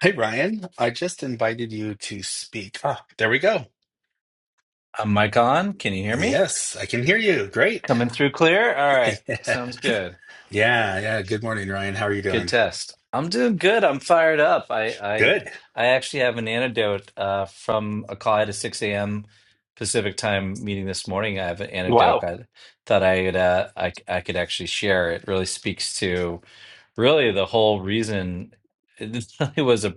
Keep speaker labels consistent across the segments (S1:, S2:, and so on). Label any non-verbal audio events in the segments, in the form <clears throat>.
S1: Hey Ryan, I just invited you to speak. Ah, there we go.
S2: I'm mic on. Can you hear me?
S1: Yes, I can hear you. Great.
S2: Coming through clear? All right.
S1: <laughs>
S2: Sounds good.
S1: Yeah, yeah. Good morning, Ryan. How are you
S2: Good
S1: doing?
S2: test. I'm doing good. I'm fired up. I I
S1: Good.
S2: I actually have an antidote uh, from a call I had a 6 a.m. Pacific time meeting this morning. I have an antidote.
S1: Wow.
S2: I thought I could uh, I I could actually share. It really speaks to really the whole reason. <laughs> It really was a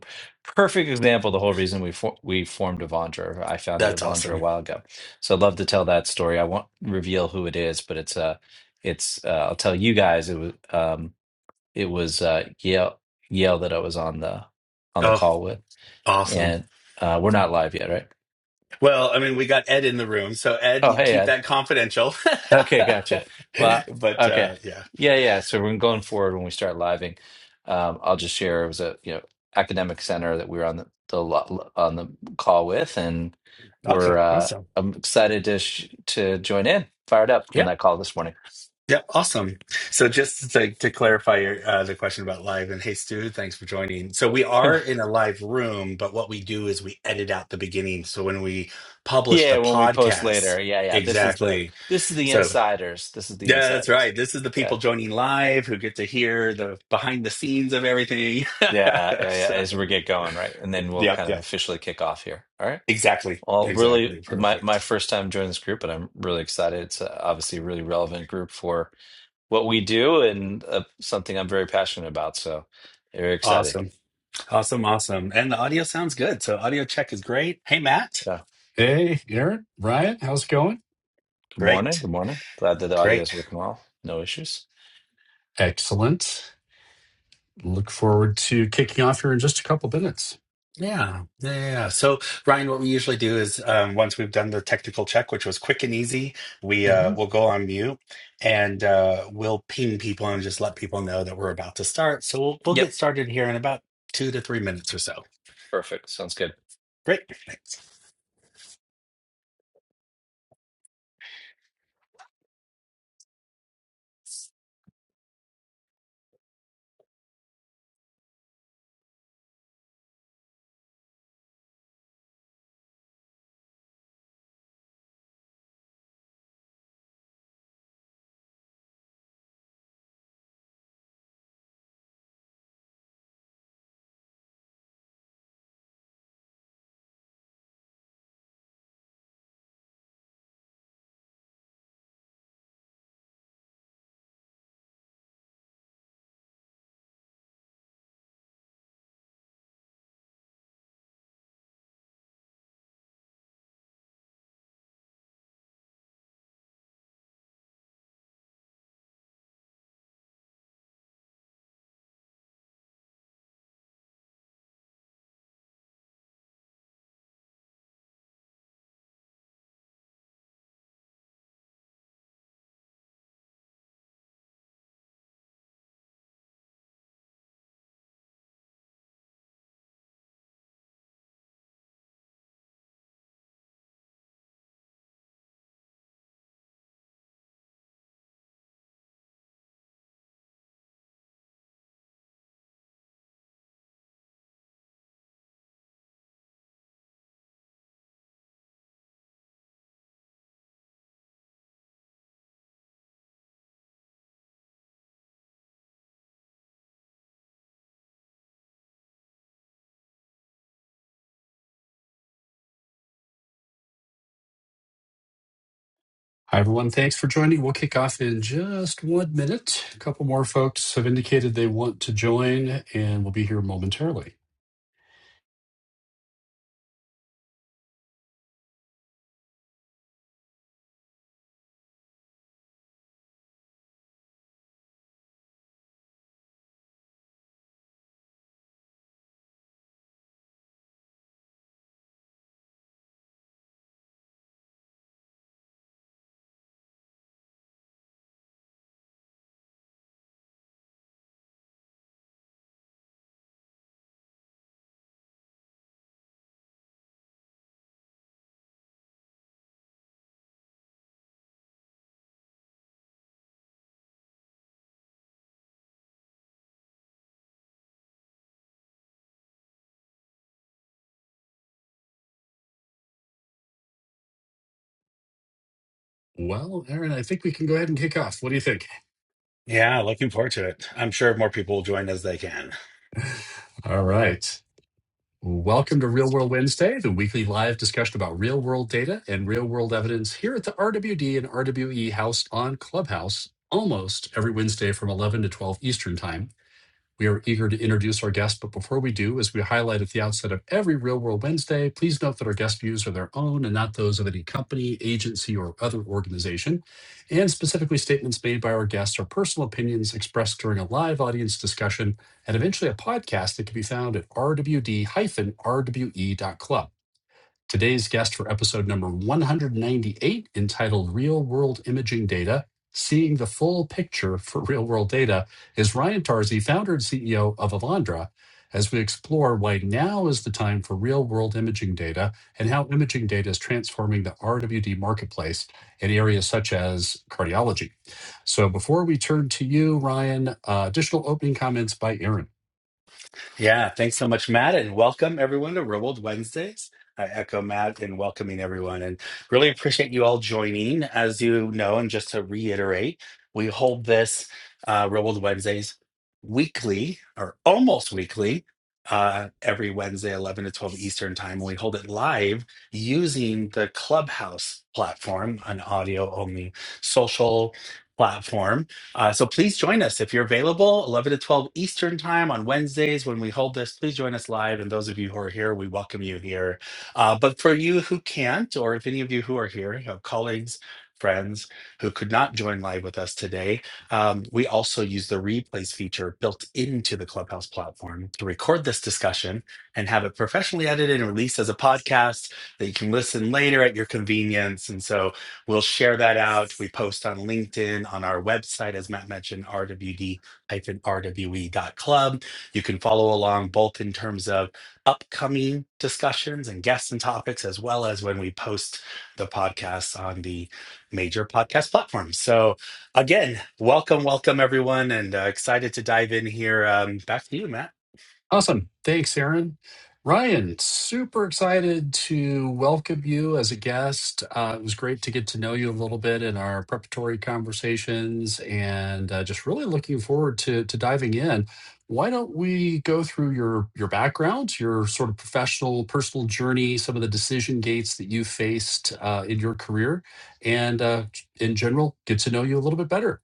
S2: perfect example. of The whole reason we for, we formed Avandra. or I founded
S1: That's
S2: Avandra a
S1: awesome.
S2: while ago. So I'd love to tell that story. I won't reveal who it is, but it's uh it's uh, I'll tell you guys. It was. Um, it was uh, Yale Yale that I was on the on the
S1: Oh,
S2: call with,
S1: awesome.
S2: and uh, we're not live yet, right?
S1: Well, I mean, we got Ed in the room, so Ed,
S2: Oh,
S1: you
S2: hey,
S1: keep
S2: Ed.
S1: that confidential.
S2: Okay, gotcha. Well,
S1: <laughs> But
S2: okay,
S1: uh yeah.
S2: yeah, yeah. So we're going forward when we start living. Um, I'll just share it was a you know academic center that we were on the, the lo- on the call with, and we're
S1: awesome.
S2: uh,
S1: awesome.
S2: I'm excited to sh to join in. Fired up from that call this morning.
S1: Yeah, awesome. So just to, to clarify your, uh, the question about live, and hey, Stu, thanks for joining. So we
S2: <laughs>
S1: are in a live room, but what we do is we edit out the beginning. So when we publish the
S2: Yeah, when we post later.
S1: podcast,
S2: Yeah, yeah. This is the
S1: exactly.
S2: this is the
S1: So
S2: insiders. This is the
S1: yeah, that's
S2: insiders.
S1: right. This is the
S2: Yeah.
S1: people joining live who get to hear the behind the scenes of everything.
S2: Yeah,
S1: <laughs>
S2: yeah, yeah,
S1: so
S2: as we get going, right? And then we'll
S1: yeah,
S2: kind of
S1: yeah,
S2: officially kick off here. All right.
S1: exactly,
S2: Well, really,
S1: exactly,
S2: my, my
S1: perfect.
S2: first time joining this group, and I'm really excited. It's uh, obviously a really relevant group for what we do and uh, something I'm very passionate about. So, very excited.
S1: Awesome, awesome, awesome. And the audio sounds good. So audio check is great. Hey, Matt,
S2: Yeah.
S3: Hey, Aaron, Ryan, how's it going?
S2: Good morning.
S1: great.
S2: Good morning. Glad that the audio
S1: Great.
S2: is working well. No issues.
S3: Excellent. Look forward to kicking off here in just a couple minutes.
S1: Yeah, yeah, yeah. yeah. So, Ryan, what we usually do is um, once we've done the technical check, which was quick and easy, we
S2: hmm
S1: uh, will go on mute and uh, we'll ping people and just let people know that we're about to start. So we'll we'll get
S2: Yep.
S1: started here in about two to three minutes or so.
S2: Perfect. Sounds good.
S1: Great. Thanks.
S3: Hi, everyone. Thanks for joining. We'll kick off in just one minute. A couple more folks have indicated they want to join, and we'll be here momentarily. Well, Aaron, I think we can go ahead and kick off. What do you think?
S1: Yeah, looking forward to it. I'm sure more people will join as they can.
S3: All right. Welcome to Real World Wednesday, the weekly live discussion about real world data and real world evidence here at the RWD and RWE House on Clubhouse almost every Wednesday from 11 to 12 Eastern Time. We are eager to introduce our guests, but before we do, as we highlight at the outset of every Real World Wednesday, please note that our guest views are their own and not those of any company, agency, or other organization. And specifically, statements made by our guests are personal opinions expressed during a live audience discussion and eventually a podcast that can be found at rwd-rwe.club. Today's guest for episode number 198, entitled Real World Imaging Data Seeing the Full Picture for Real World Data, is Ryan Tarzi, founder and CEO of Avandra, as we explore why now is the time for real world imaging data and how imaging data is transforming the RWD marketplace in areas such as cardiology. So before we turn to you, Ryan, uh, additional opening comments by Aaron.
S1: Yeah, thanks so much, Matt, and welcome everyone to Real World Wednesdays. I echo Matt in welcoming everyone and really appreciate you all joining. As you know, and just to reiterate, we hold this uh, Real World Wednesdays weekly or almost weekly uh, every Wednesday, 11 to 12 Eastern Time. We hold it live using the Clubhouse platform, an audio only social platform uh, so please join us if you're available, 11 to 12 Eastern time on Wednesdays when we hold this. Please join us live. And those of you who are here, we welcome you here. Uh, but for you who can't, or if any of you who are here, you have colleagues, friends who could not join live with us today, um, we also use the replays feature built into the Clubhouse platform to record this discussion and have it professionally edited and released as a podcast that you can listen later at your convenience. And so We'll share that out. We post on LinkedIn, on our website, as Matt mentioned, rwd-rwe.club. You can follow along both in terms of upcoming discussions and guests and topics, as well as when we post the podcasts on the major podcast platforms. So again, welcome, welcome everyone, and uh, excited to dive in here. Um, back to you, Matt.
S3: Awesome. Thanks, Aaron. Ryan, super excited to welcome you as a guest. Uh, it was great to get to know you a little bit in our preparatory conversations and uh, just really looking forward to, to diving in. Why don't we go through your, your background, your sort of professional, personal journey, some of the decision gates that you faced uh, in your career, and uh, in general, get to know you a little bit better.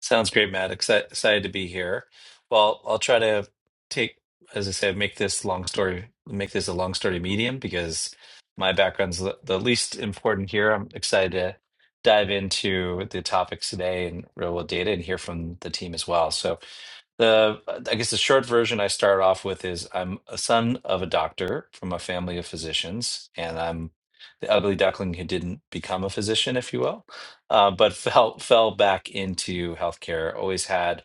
S2: Sounds great, Matt. Exci- Excited to be here. Well, I'll try to take, as I said, make this long story, make this a long story medium because my background's the, the least important here. I'm excited to dive into the topics today and real world data and hear from the team as well. So the I guess the short version I start off with is I'm a son of a doctor from a family of physicians, and I'm the ugly duckling who didn't become a physician, if you will, uh, but <laughs> fell fell back into healthcare. Always had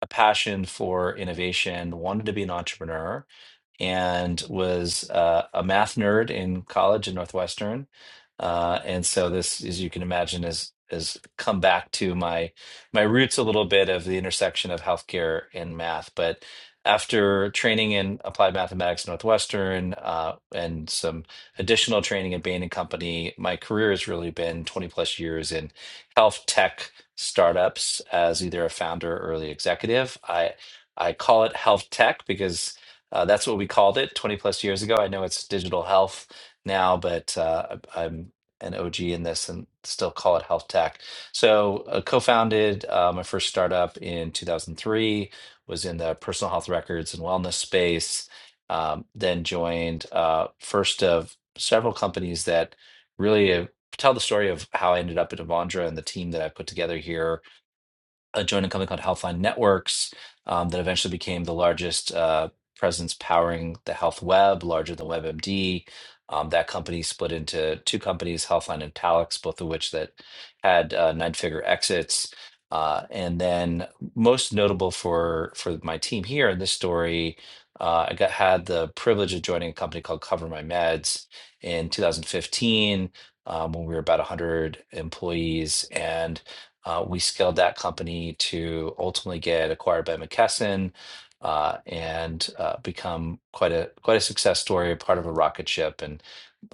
S2: a passion for innovation, wanted to be an entrepreneur, and was uh, a math nerd in college at Northwestern. Uh, and so this, as you can imagine, is has come back to my my roots a little bit of the intersection of healthcare and math. But after training in applied mathematics at Northwestern uh, and some additional training at Bain and Company, my career has really been 20 plus years in health tech startups as either a founder or early executive. I I call it health tech because uh, that's what we called it 20 plus years ago. I know it's digital health now, but uh, I- I'm an OG in this and still call it health tech. So, uh, co founded uh, my first startup in 2003, was in the personal health records and wellness space, um, then joined uh, first of several companies that really uh, tell the story of how I ended up at Avandra and the team that I put together here uh, joined a company called Healthline Networks um, that eventually became the largest uh, presence powering the health web, larger than WebMD. Um, that company split into two companies, Healthline and Palix, both of which that had uh, nine-figure exits. Uh, and then, most notable for for my team here in this story, uh, I got had the privilege of joining a company called Cover My Meds in 2015 um, when we were about 100 employees and uh, we scaled that company to ultimately get acquired by McKesson uh, and uh, become quite a quite a success story, part of a rocket ship. And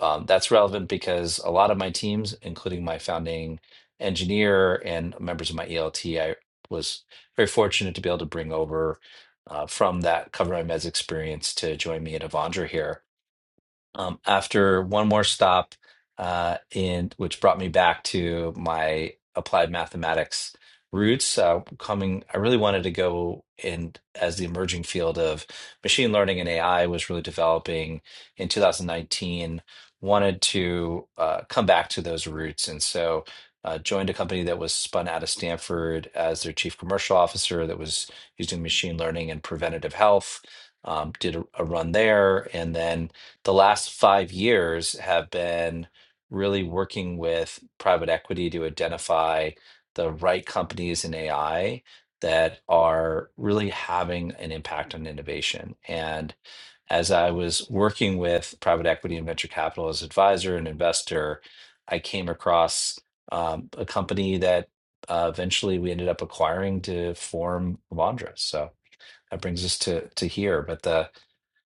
S2: um, that's relevant because a lot of my teams, including my founding engineer and members of my ELT, I was very fortunate to be able to bring over uh, from that Cover My Meds experience to join me at Avandra here um, after one more stop, uh, in which brought me back to my applied mathematics roots, uh, coming, I really wanted to go in as the emerging field of machine learning and AI was really developing in 2019. Wanted to uh, come back to those roots, and so uh, joined a company that was spun out of Stanford as their chief commercial officer that was using machine learning and preventative health. Um, did a, a run there, and then the last five years have been really working with private equity to identify the right companies in AI that are really having an impact on innovation. And as I was working with private equity and venture capital as advisor and investor, I came across um, a company that uh, eventually we ended up acquiring to form Vondra. So that brings us to to here. But the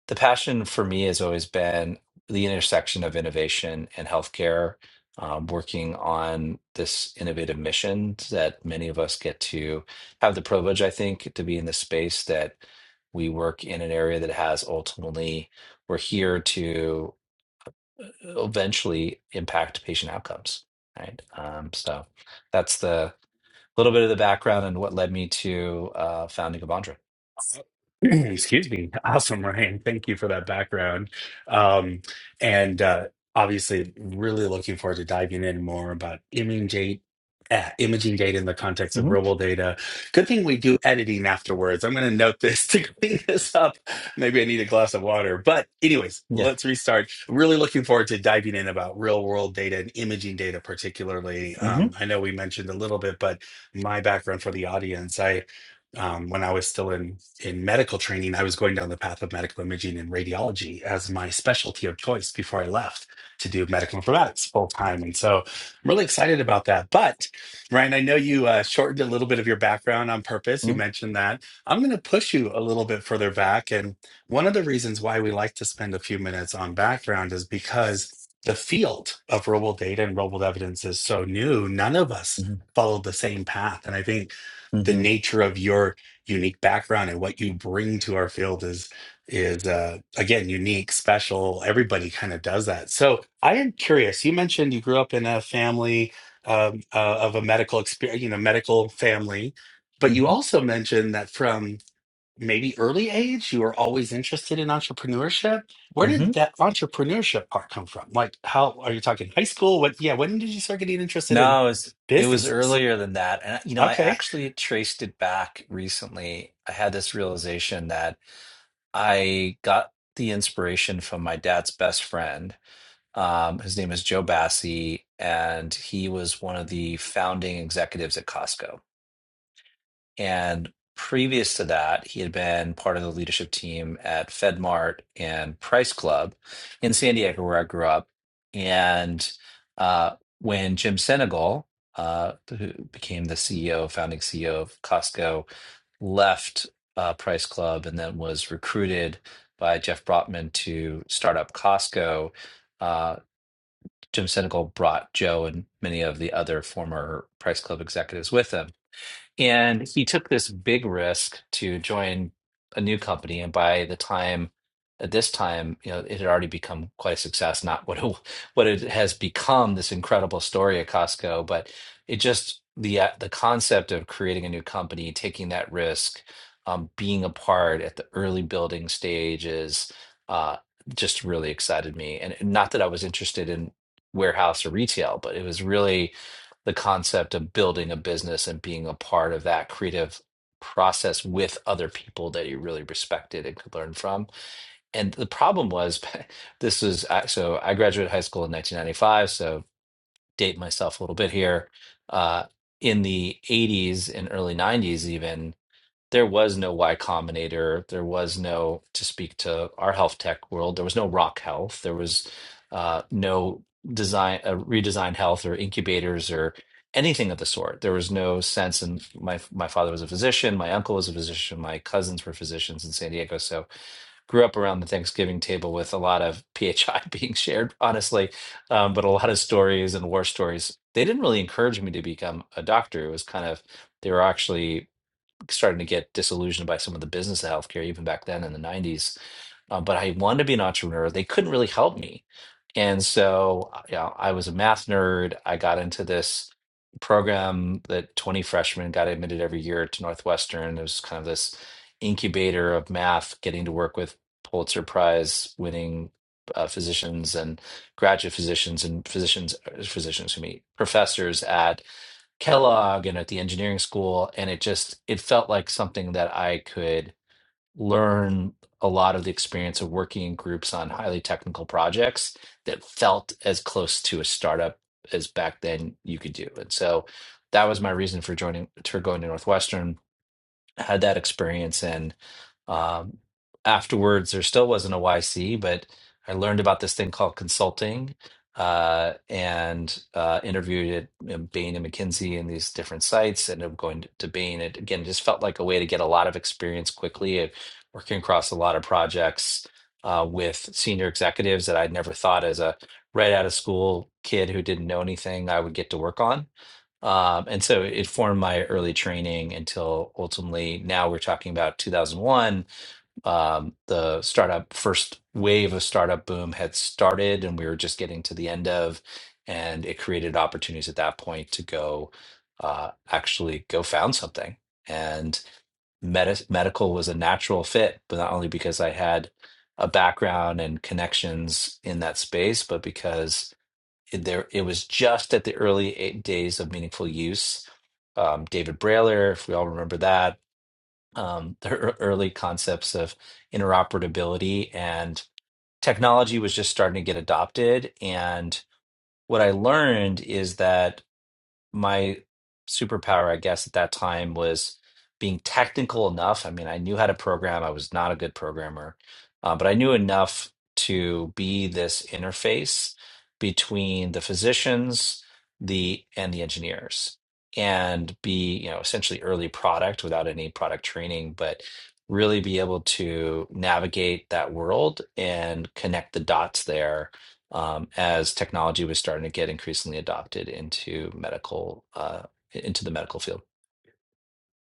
S2: the passion for me has always been the intersection of innovation and healthcare, um, working on this innovative mission that many of us get to have the privilege, I think, to be in the space that we work in an area that has ultimately, we're here to eventually impact patient outcomes. Right. Um, so that's the little bit of the background and what led me to uh, founding Avandra.
S1: <clears throat> Excuse me. <laughs> Awesome, Ryan. Thank you for that background. Um, and uh, obviously, really looking forward to diving in more about imaging data, imaging data in the context of
S2: hmm
S1: real data. Good thing we do editing afterwards. I'm going to note this <laughs> to clean this up. Maybe I need a glass of water. But, anyways,
S2: Yeah.
S1: let's restart. Really looking forward to diving in about real world data and imaging data, particularly.
S2: hmm
S1: Um, I know we mentioned a little bit, but my background for the audience, I um, when I was still in in medical training, I was going down the path of medical imaging and radiology as my specialty of choice before I left to do medical informatics full time. And so I'm really excited about that. But Ryan, I know you uh, shortened a little bit of your background on purpose. You mentioned that. I'm going to push you a little bit further back. And one of the reasons why we like to spend a few minutes on background is because the field of real world data and real world evidence is so new. None of us
S2: hmm
S1: followed the same path. And I think the
S2: hmm
S1: nature of your unique background and what you bring to our field is is uh, again unique, special. Everybody kind of does that. So I am curious. You mentioned you grew up in a family um, uh, of a medical experience, you know, medical family, but
S2: hmm
S1: you also mentioned that from maybe early age you were always interested in entrepreneurship. Where
S2: hmm
S1: did that entrepreneurship part come from? Like, how are you talking high school? What? Yeah, when did you start getting interested in
S2: No, it was it was
S1: businesses?
S2: earlier than that. And you know, I
S1: Okay.
S2: actually traced it back recently. I had this realization that I got the inspiration from my dad's best friend. Um, his name is Joe Bassi, and he was one of the founding executives at Costco. And previous to that, he had been part of the leadership team at FedMart and Price Club in San Diego, where I grew up. And uh, when Jim Senegal, uh, who became the CEO, founding CEO of Costco, left uh, Price Club and then was recruited by Jeff Brotman to start up Costco, uh, Jim Senegal brought Joe and many of the other former Price Club executives with him and he took this big risk to join a new company. And by the time, at this time, you know, it had already become quite a success, not what it, what it has become, this incredible story at Costco, but it just, the, uh, the concept of creating a new company, taking that risk, um, being a part at the early building stages, uh, just really excited me. And not that I was interested in warehouse or retail, but it was really, the concept of building a business and being a part of that creative process with other people that you really respected and could learn from. And the problem was <laughs> this was I- so I graduated high school in 1995, so date myself a little bit here. Uh, in the 80s and early 90s, even there was no Y Combinator. There was no, to speak to our health tech world, there was no Rock Health. There was uh, no design, uh, redesign health or incubators or anything of the sort. There was no sense. And my my father was a physician. My uncle was a physician. My cousins were physicians in San Diego. So grew up around the Thanksgiving table with a lot of PHI <laughs> being shared, honestly, um, but a lot of stories and war stories. They didn't really encourage me to become a doctor. It was kind of they were actually starting to get disillusioned by some of the business of healthcare, even back then in the 90s. Uh, but I wanted to be an entrepreneur. They couldn't really help me. And so, uh, you know, I was a math nerd. I got into this program that 20 freshmen got admitted every year to Northwestern. It was kind of this incubator of math, getting to work with Pulitzer Prize winning uh, physicians and graduate physicians and physicians, uh, physicians who meet professors at Kellogg and at the engineering school, and it just it felt like something that I could learn a lot of the experience of working in groups on highly technical projects that felt as close to a startup as back then you could do. And so that was my reason for joining for going to Northwestern had that experience and um, afterwards there still wasn't a yc but i learned about this thing called consulting uh, and uh, interviewed at you bain and mckinsey and these different sites ended up going to, to bain it again just felt like a way to get a lot of experience quickly at working across a lot of projects uh, with senior executives that i'd never thought as a right out of school kid who didn't know anything i would get to work on um, and so it formed my early training until ultimately now we're talking about 2001. Um, the startup first wave of startup boom had started and we were just getting to the end of, and it created opportunities at that point to go uh, actually go found something. And med- medical was a natural fit, but not only because I had a background and connections in that space, but because it- there it was just at the early eight days of meaningful use. Um, David Brailer, if we all remember that, um, <laughs> the ear- early concepts of interoperability and technology was just starting to get adopted. And what I learned is that my superpower, I guess, at that time was being technical enough. I mean, I knew how to program. I was not a good programmer, uh, but I knew enough to be this interface between the physicians, the and the engineers, and be you know essentially early product without any product training, but really be able to navigate that world and connect the dots there um, as technology was starting to get increasingly adopted into medical uh, into the medical field.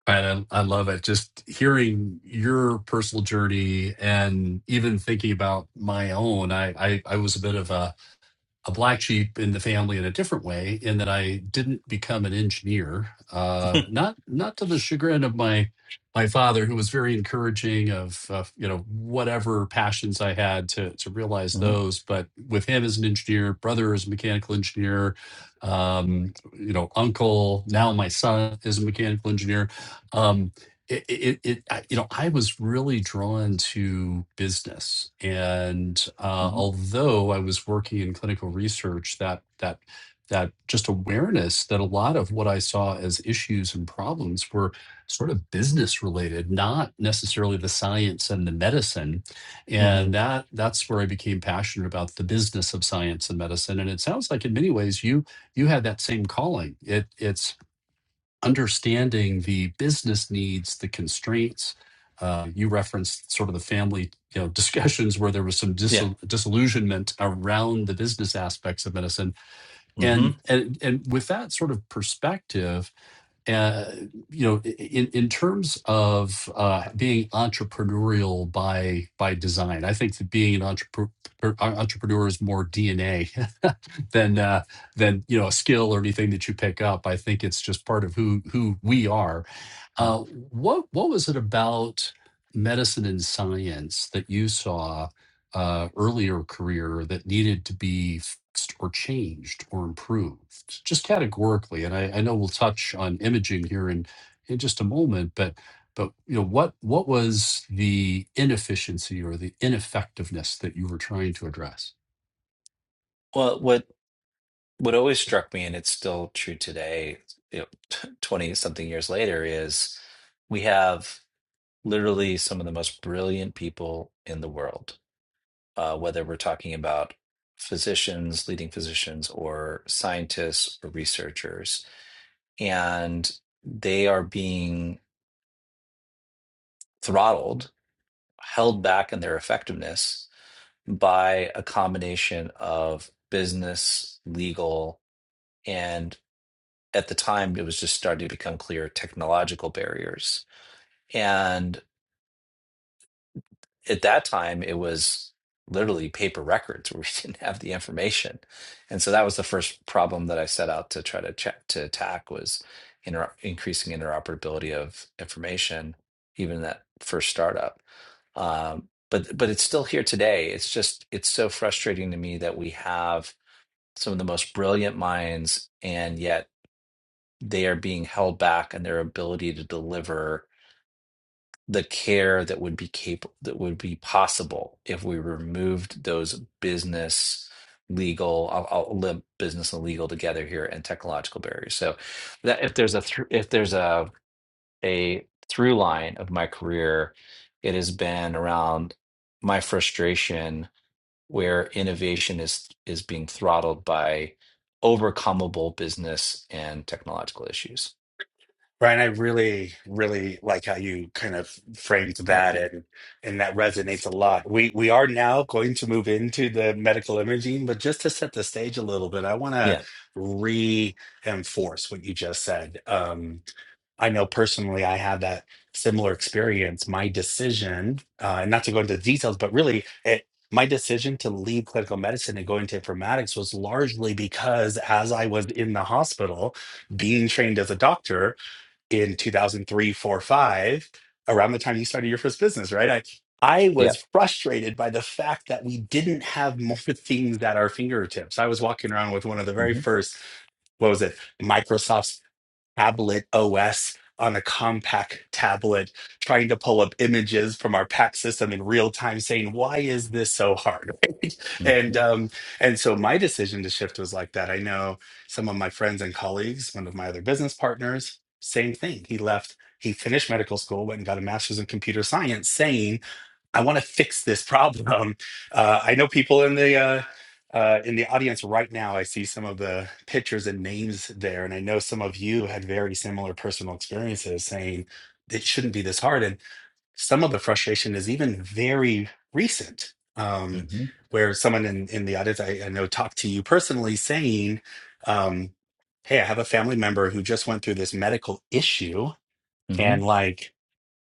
S3: And I, I love it. Just hearing your personal journey and even thinking about my own, I, I, I was a bit of a a black sheep in the family in a different way in that I didn't become an engineer uh not not to the chagrin of my my father who was very encouraging of uh, you know whatever passions I had to to realize
S2: hmm
S3: those but with him as an engineer brother as a mechanical engineer um you know uncle now my son is a mechanical engineer Um, it, it, it I- you know i was really drawn to business and uh,
S2: hmm
S3: although i was working in clinical research that that that just awareness that a lot of what i saw as issues and problems were sort of business related not necessarily the science and the medicine
S2: hmm
S3: and that that's where i became passionate about the business of science and medicine and it sounds like in many ways you you had that same calling it it's understanding the business needs, the constraints. Uh, you referenced sort of the family, you know, <laughs> discussions where there was some
S2: Yeah.
S3: dissol- disillusionment around the business aspects of medicine,
S2: hmm
S3: and and and with that sort of perspective, uh, you know, in in terms of uh, being entrepreneurial by by design, I think that being an entrepreneur entrepreneur is more DNA <laughs> than uh, than you know a skill or anything that you pick up. I think it's just part of who who we are, uh, what what was it about medicine and science that you saw uh, earlier career that needed to be fixed or changed or improved, just categorically? And I, I know we'll touch on imaging here in in just a moment, but but you know what what was the inefficiency or the ineffectiveness that you were trying to address?
S2: Well, what what always struck me, and it's still true today, you know, <laughs> t- twenty something years later, is we have literally some of the most brilliant people in the world. Uh, whether we're talking about physicians, leading physicians, or scientists or researchers, and they are being throttled held back in their effectiveness by a combination of business, legal, and at the time it was just starting to become clear technological barriers. And at that time it was literally paper records where we <laughs> didn't have the information and so that was the first problem that i set out to try to check to attack was inter- increasing interoperability of information even in that first startup um, but but it's still here today it's just it's so frustrating to me that we have some of the most brilliant minds and yet they are being held back in their ability to deliver the care that would be capable that would be possible if we removed those business legal I'll, I'll lump business and legal together here and technological barriers so that if there's a thr if there's a a through line of my career it has been around my frustration where innovation is is being throttled by overcomable business and technological issues
S1: Brian, I really, really like how you kind of framed that and and that resonates a lot. We we are now going to move into the medical imaging, but just to set the stage a little bit, I want to
S2: yeah
S1: reinforce what you just said. Um, I know personally I had that similar experience. My decision, uh, and not to go into the details, but really it my decision to leave clinical medicine and go into informatics was largely because as I was in the hospital being trained as a doctor, in 2003, 4, 5, around the time you started your first business, right? I I
S2: yeah
S1: was frustrated by the fact that we didn't have more <laughs> things at our fingertips. I was walking around with one of the very
S2: hmm
S1: first, what was it, Microsoft tablet OS on a compact tablet, trying to pull up images from our PAC system in real time, saying, "Why is this so hard?" <laughs> and
S2: hmm
S1: um, and so my decision to shift was like that. I know some of my friends and colleagues, one of my other business partners, same thing. He left. He finished medical school, went and got a master's in computer science, saying I want to fix this problem. <laughs> Um, Uh, I know people in the uh, uh, in the audience right now. I see some of the pictures and names there, and I know some of you had very similar personal experiences, saying it shouldn't be this hard. And some of the frustration is even very recent, um,
S2: hmm
S1: where someone in in the audience I, I know talked to you personally, saying, um, "Hey, I have a family member who just went through this medical issue, and like."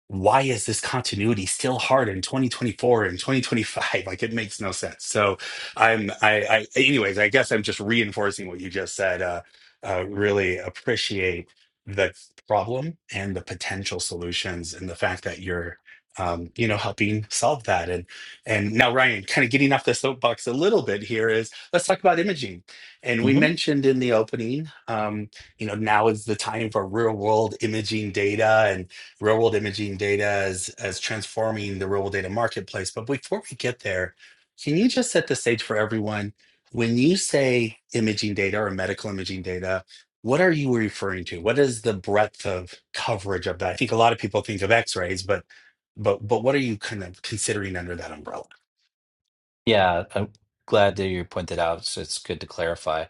S1: why is this continuity still hard in 2024 and 2025 <laughs> like it makes no sense so i'm i i anyways i guess i'm just reinforcing what you just said uh, uh really appreciate the problem and the potential solutions and the fact that you're um you know helping solve that and and now ryan kind of getting off the soapbox a little bit here is let's talk about imaging and
S2: hmm
S1: we mentioned in the opening um you know now is the time for real world imaging data and real world imaging data as as transforming the real world data marketplace. But before we get there, can you just set the stage for everyone? When you say imaging data or medical imaging data, what are you referring to? What is the breadth of coverage of that? I think a lot of people think of X-rays, but but but what are you kind of considering under that umbrella?
S2: Yeah, I'm glad that you pointed out. So it's good to clarify.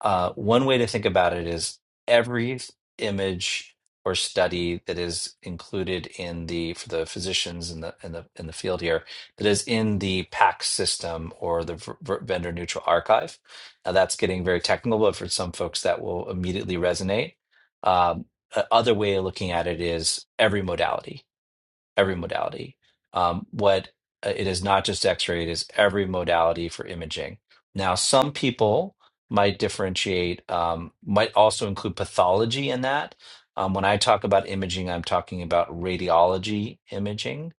S2: Uh, one way to think about it is every image or study that is included in the for the physicians in the in the in the field here that is in the PACS system or the v- v- vendor neutral archive. Now that's getting very technical, but for some folks that will immediately resonate. Um, a- other way of looking at it is every modality every modality. Um, what uh, it is not just X-ray; it is every modality for imaging. Now, some people might differentiate, um, might also include pathology in that. Um, when I talk about imaging, I'm talking about radiology imaging,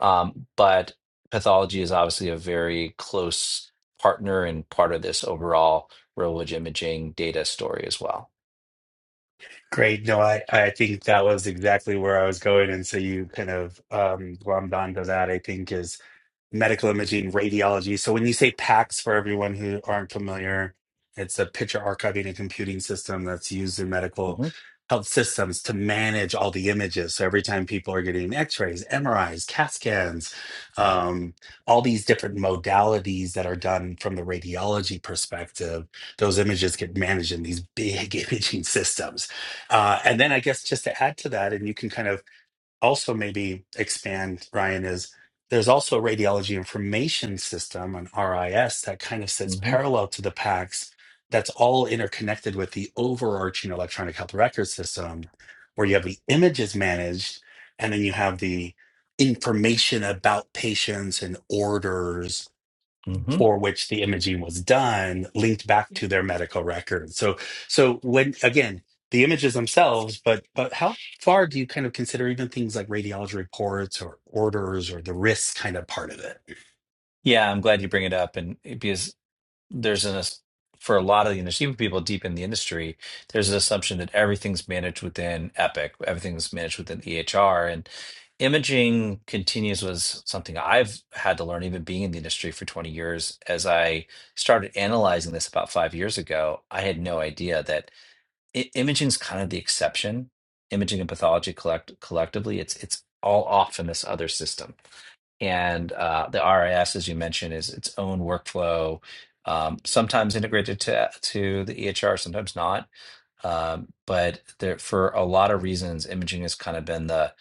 S2: um, but pathology is obviously a very close partner and part of this overall real imaging data story as well.
S1: Great. No, I, I think that was exactly where I was going. And so you kind of um, glommed onto that, I think, is medical imaging, radiology. So when you say PACS, for everyone who aren't familiar, it's a picture archiving and computing system that's used in medical
S2: hmm
S1: health systems to manage all the images. So every time people are getting X-rays, MRIs, CAT scans, um, all these different modalities that are done from the radiology perspective, those images get managed in these big <laughs> imaging systems. Uh,
S2: yeah.
S1: and then I guess just to add to that, and you can kind of also maybe expand, Ryan, is there's also a radiology information system, an RIS, that kind of sits parallel to the PACS that's all interconnected with the overarching electronic health record system, where you have the images managed and then you have the information about patients and orders
S2: hmm
S1: for which the imaging was done linked back to their medical record. So so when again, the images themselves, but but how far do you kind of consider even things like radiology reports or orders or the risk kind of part of it?
S2: Yeah, I'm glad you bring it up, and because there's an ass- for a lot of the industry, even people deep in the industry, there's an assumption that everything's managed within Epic, everything's managed within EHR, and imaging continues was something I've had to learn, even being in the industry for 20 years. As I started analyzing this about five years ago, I had no idea that I- imaging's kind of the exception. Imaging and pathology collect collectively, it's it's all off in this other system and uh, the RIS, as you mentioned, is its own workflow, um, sometimes integrated to to the EHR, sometimes not. Um, but there, for a lot of reasons, imaging has kind of been the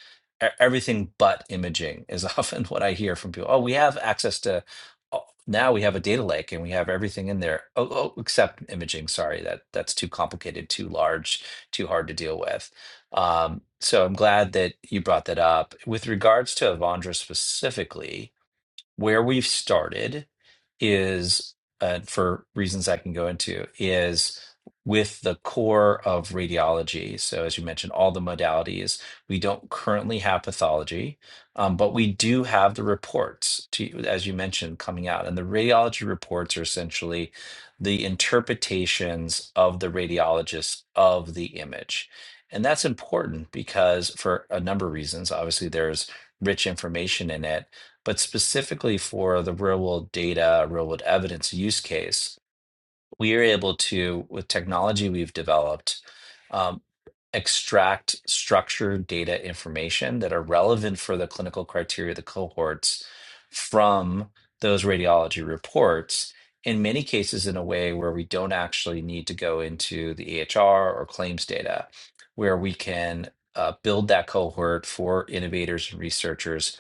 S2: e- everything but imaging is <laughs> often what I hear from people. Oh, we have access to oh, now we have a data lake and we have everything in there. Oh, oh except imaging. Sorry, that that's too complicated, too large, too hard to deal with. Um, so I'm glad that you brought that up. With regards to Avandra specifically, where we've started is uh, for reasons I can go into is with the core of radiology. So as you mentioned, all the modalities we don't currently have pathology, um, but we do have the reports to, as you mentioned, coming out, and the radiology reports are essentially the interpretations of the radiologists of the image. And that's important because for a number of reasons, obviously there's rich information in it, but specifically for the real world data, real world evidence use case, we are able to, with technology we've developed, um, extract structured data information that are relevant for the clinical criteria of the cohorts from those radiology reports. In many cases, in a way where we don't actually need to go into the EHR or claims data, where we can uh, build that cohort for innovators and researchers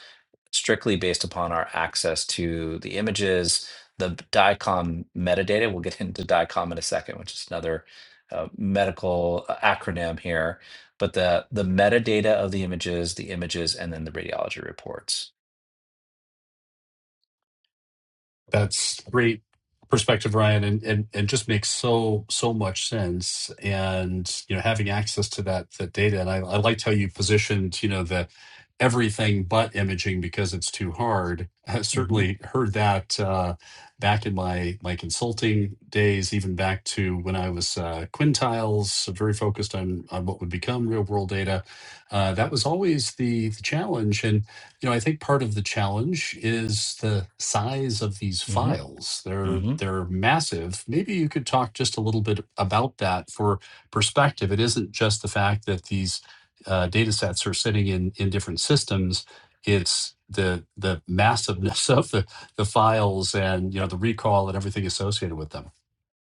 S2: strictly based upon our access to the images, the DICOM metadata. We'll get <laughs> into DICOM in a second, which is another uh, medical uh, acronym here. But the the metadata of the images, the images, and then the radiology reports.
S3: That's great perspective, Ryan, and, and and just makes so so much sense. And you know, having access to that that data, and I, I liked how you positioned, you know, the everything but imaging because it's too hard. <laughs> I
S2: hmm
S3: certainly heard that uh, back in my my consulting days, even back to when I was uh, quintiles, so very focused on on what would become real world data. Uh, that was always the the challenge, and you know, I think part of the challenge is the size of these
S2: hmm
S3: files. They're
S2: hmm
S3: they're massive. Maybe you could talk just a little bit about that for perspective. It isn't just the fact that these uh, data sets are sitting in in different systems. It's the the massiveness <laughs> of the the files and you know the recall and everything associated with them.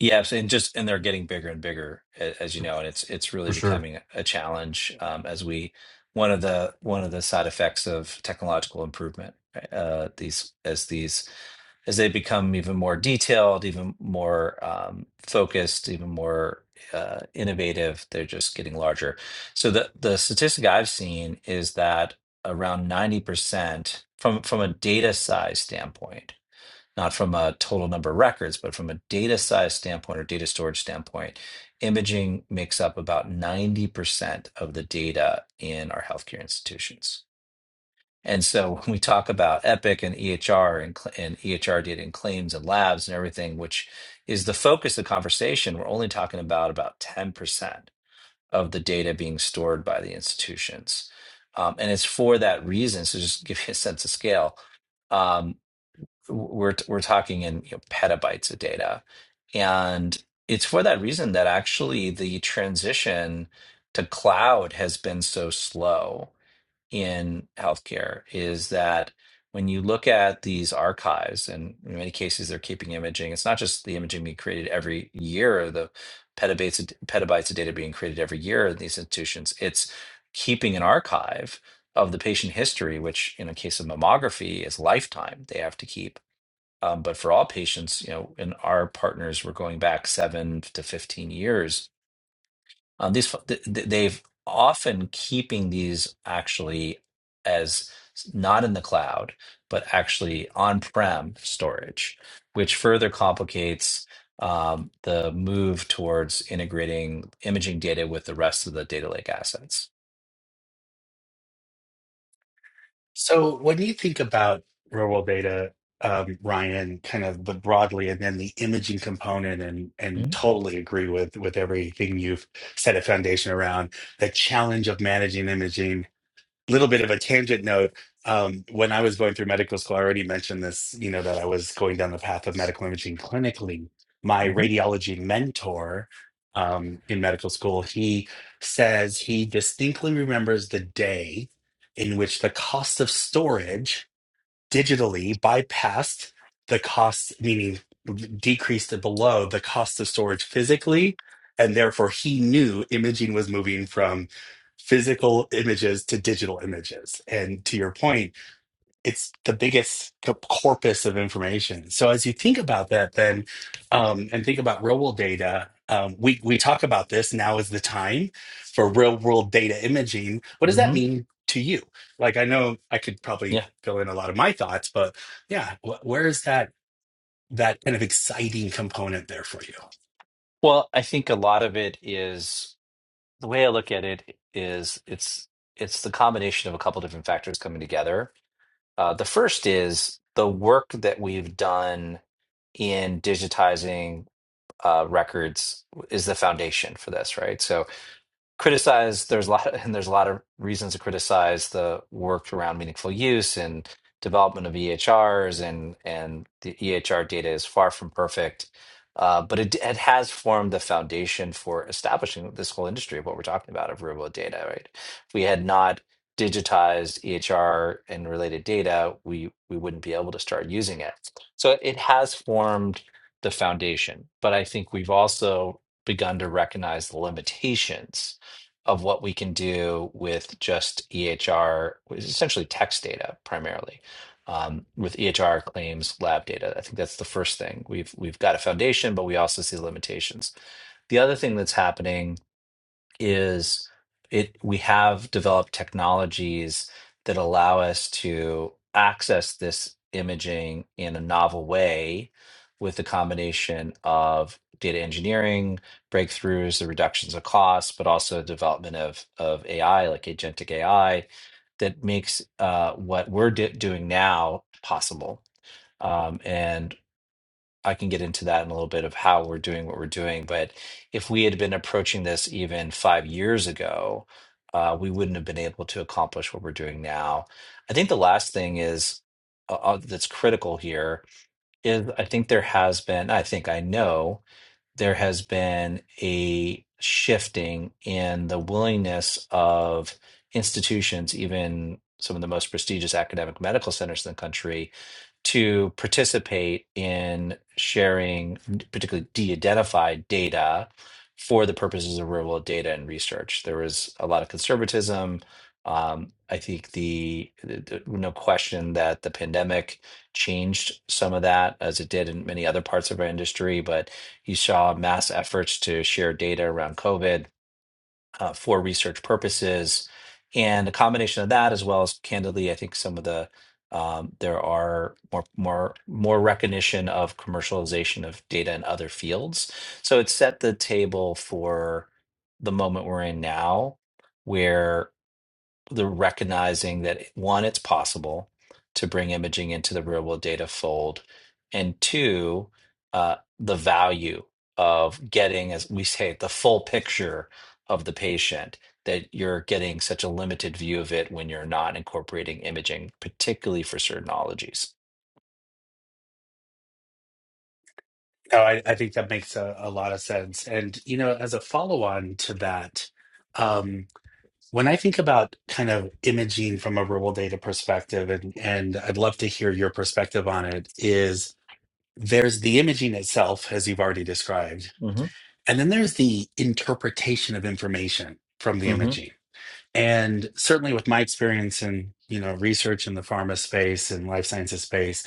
S2: Yes, and just and they're getting bigger and bigger, a- as you know, and it's it's really
S3: For sure.
S2: becoming a challenge um, as we one of the one of the side effects of technological improvement. right? Uh, these as these as they become even more detailed, even more um, focused, even more uh, innovative, they're just getting larger. So the the statistic I've seen is that around ninety percent from from a data size standpoint, not from a total number of records, but from a data size standpoint or data storage standpoint, imaging makes up about ninety percent of the data in our healthcare institutions. And so <laughs> when we talk about Epic and EHR and, cl- and EHR data and claims and labs and everything, which is the focus of the conversation, we're only talking about about 10% of the data being stored by the institutions. Um, and it's for that reason. So just <laughs> to give you a sense of scale. Um, we're, we're talking in you know, petabytes of data. And it's for that reason that actually the transition to cloud has been so slow in healthcare is that when you look at these archives, and in many cases they're keeping imaging, it's not just the imaging being created every year, the petabytes of, petabytes of data being created every year in these institutions. It's keeping an archive of the patient history, which in a case of mammography is lifetime they have to keep. Um, but for all patients, you know, in our partners, we're going back seven to 15 years um, these th- th- they've often keeping these actually as not in the cloud, but actually on-prem storage, which further complicates um, the move towards integrating imaging data with the rest of the data lake assets.
S1: So when you think about real world data, um, Ryan, kind of the broadly and then the imaging component and and totally agree with with everything you've set a foundation around the challenge of managing imaging little bit of a tangent note. Um, when I was going through medical school, I already mentioned this, you know, that I was going down the path of medical imaging clinically. My
S2: Mm-hmm.
S1: radiology mentor um, in medical school, he says he distinctly remembers the day in which the cost of storage digitally bypassed the costs, meaning decreased it below the cost of storage physically. And therefore, he knew imaging was moving from physical images to digital images. And to your point, it's the biggest co- corpus of information. So as you think about that, then, um, and think about real world data, um, we we talk about this now is the time for real world data imaging. What does that
S2: hmm
S1: mean to you? Like I know I could probably
S2: Yeah.
S1: fill in a lot of my thoughts, but yeah, wh- where is that? That kind of exciting component there for you.
S2: Well, I think a lot of it is the way I look at it is it's it's the combination of a couple different factors coming together. Uh, the first is the work that we've done in digitizing uh, records is the foundation for this, right? So criticize there's a lot <laughs> and there's a lot of reasons to criticize the work around meaningful use and development of EHRs and and the EHR data is far from perfect. Uh, but it, it has formed the foundation for establishing this whole industry of what we're talking about of real world data, right? If we had not digitized EHR and related data, we we wouldn't be able to start using it. So it has formed the foundation, but I think we've also begun to recognize the limitations of what we can do with just EHR, which is essentially text data primarily, um, with EHR claims lab data. I think that's the first thing. We've we've got a foundation, but we also see limitations. The other thing that's happening is it we have developed technologies that allow us to access this imaging in a novel way with the combination of data engineering breakthroughs the reductions of costs but also development of of ai like agentic ai that makes uh, what we're di- doing now possible Um, And. I can get into that in a little bit of how we're doing what we're doing. But if we had been approaching this even five years ago, uh, we wouldn't have been able to accomplish what we're doing now. I think the last thing is uh, uh, that's critical here is I think there has been, I think I know there has been a shifting in the willingness of institutions, even some of the most prestigious academic medical centers in the country, to participate in sharing, particularly de identified data for the purposes of real world data and research. There was a lot of conservatism. Um, I think the, the, the no question that the pandemic changed some of that, as it did in many other parts of our industry, but you saw mass efforts to share data around COVID uh, for research purposes. And a combination of that, as well as candidly, I think some of the um, there are more more more recognition of commercialization of data in other fields. So it set the table for the moment we're in now, where the recognizing that one, it's possible to bring imaging into the real world data fold, and two, uh, the value of getting, as we say, the full picture of the patient, that you're getting such a limited view of it when you're not incorporating imaging, particularly for certain ologies.
S1: No, I, I think that makes a, a lot of sense. And you know, as a follow on to that, um, When I think about kind of imaging from a rural data perspective, and, and I'd love to hear your perspective on it, is there's the imaging itself, as you've already described,
S2: hmm
S1: and then there's the interpretation of information from the
S2: hmm
S1: imaging. And certainly with my experience in, you know, research in the pharma space and life sciences space,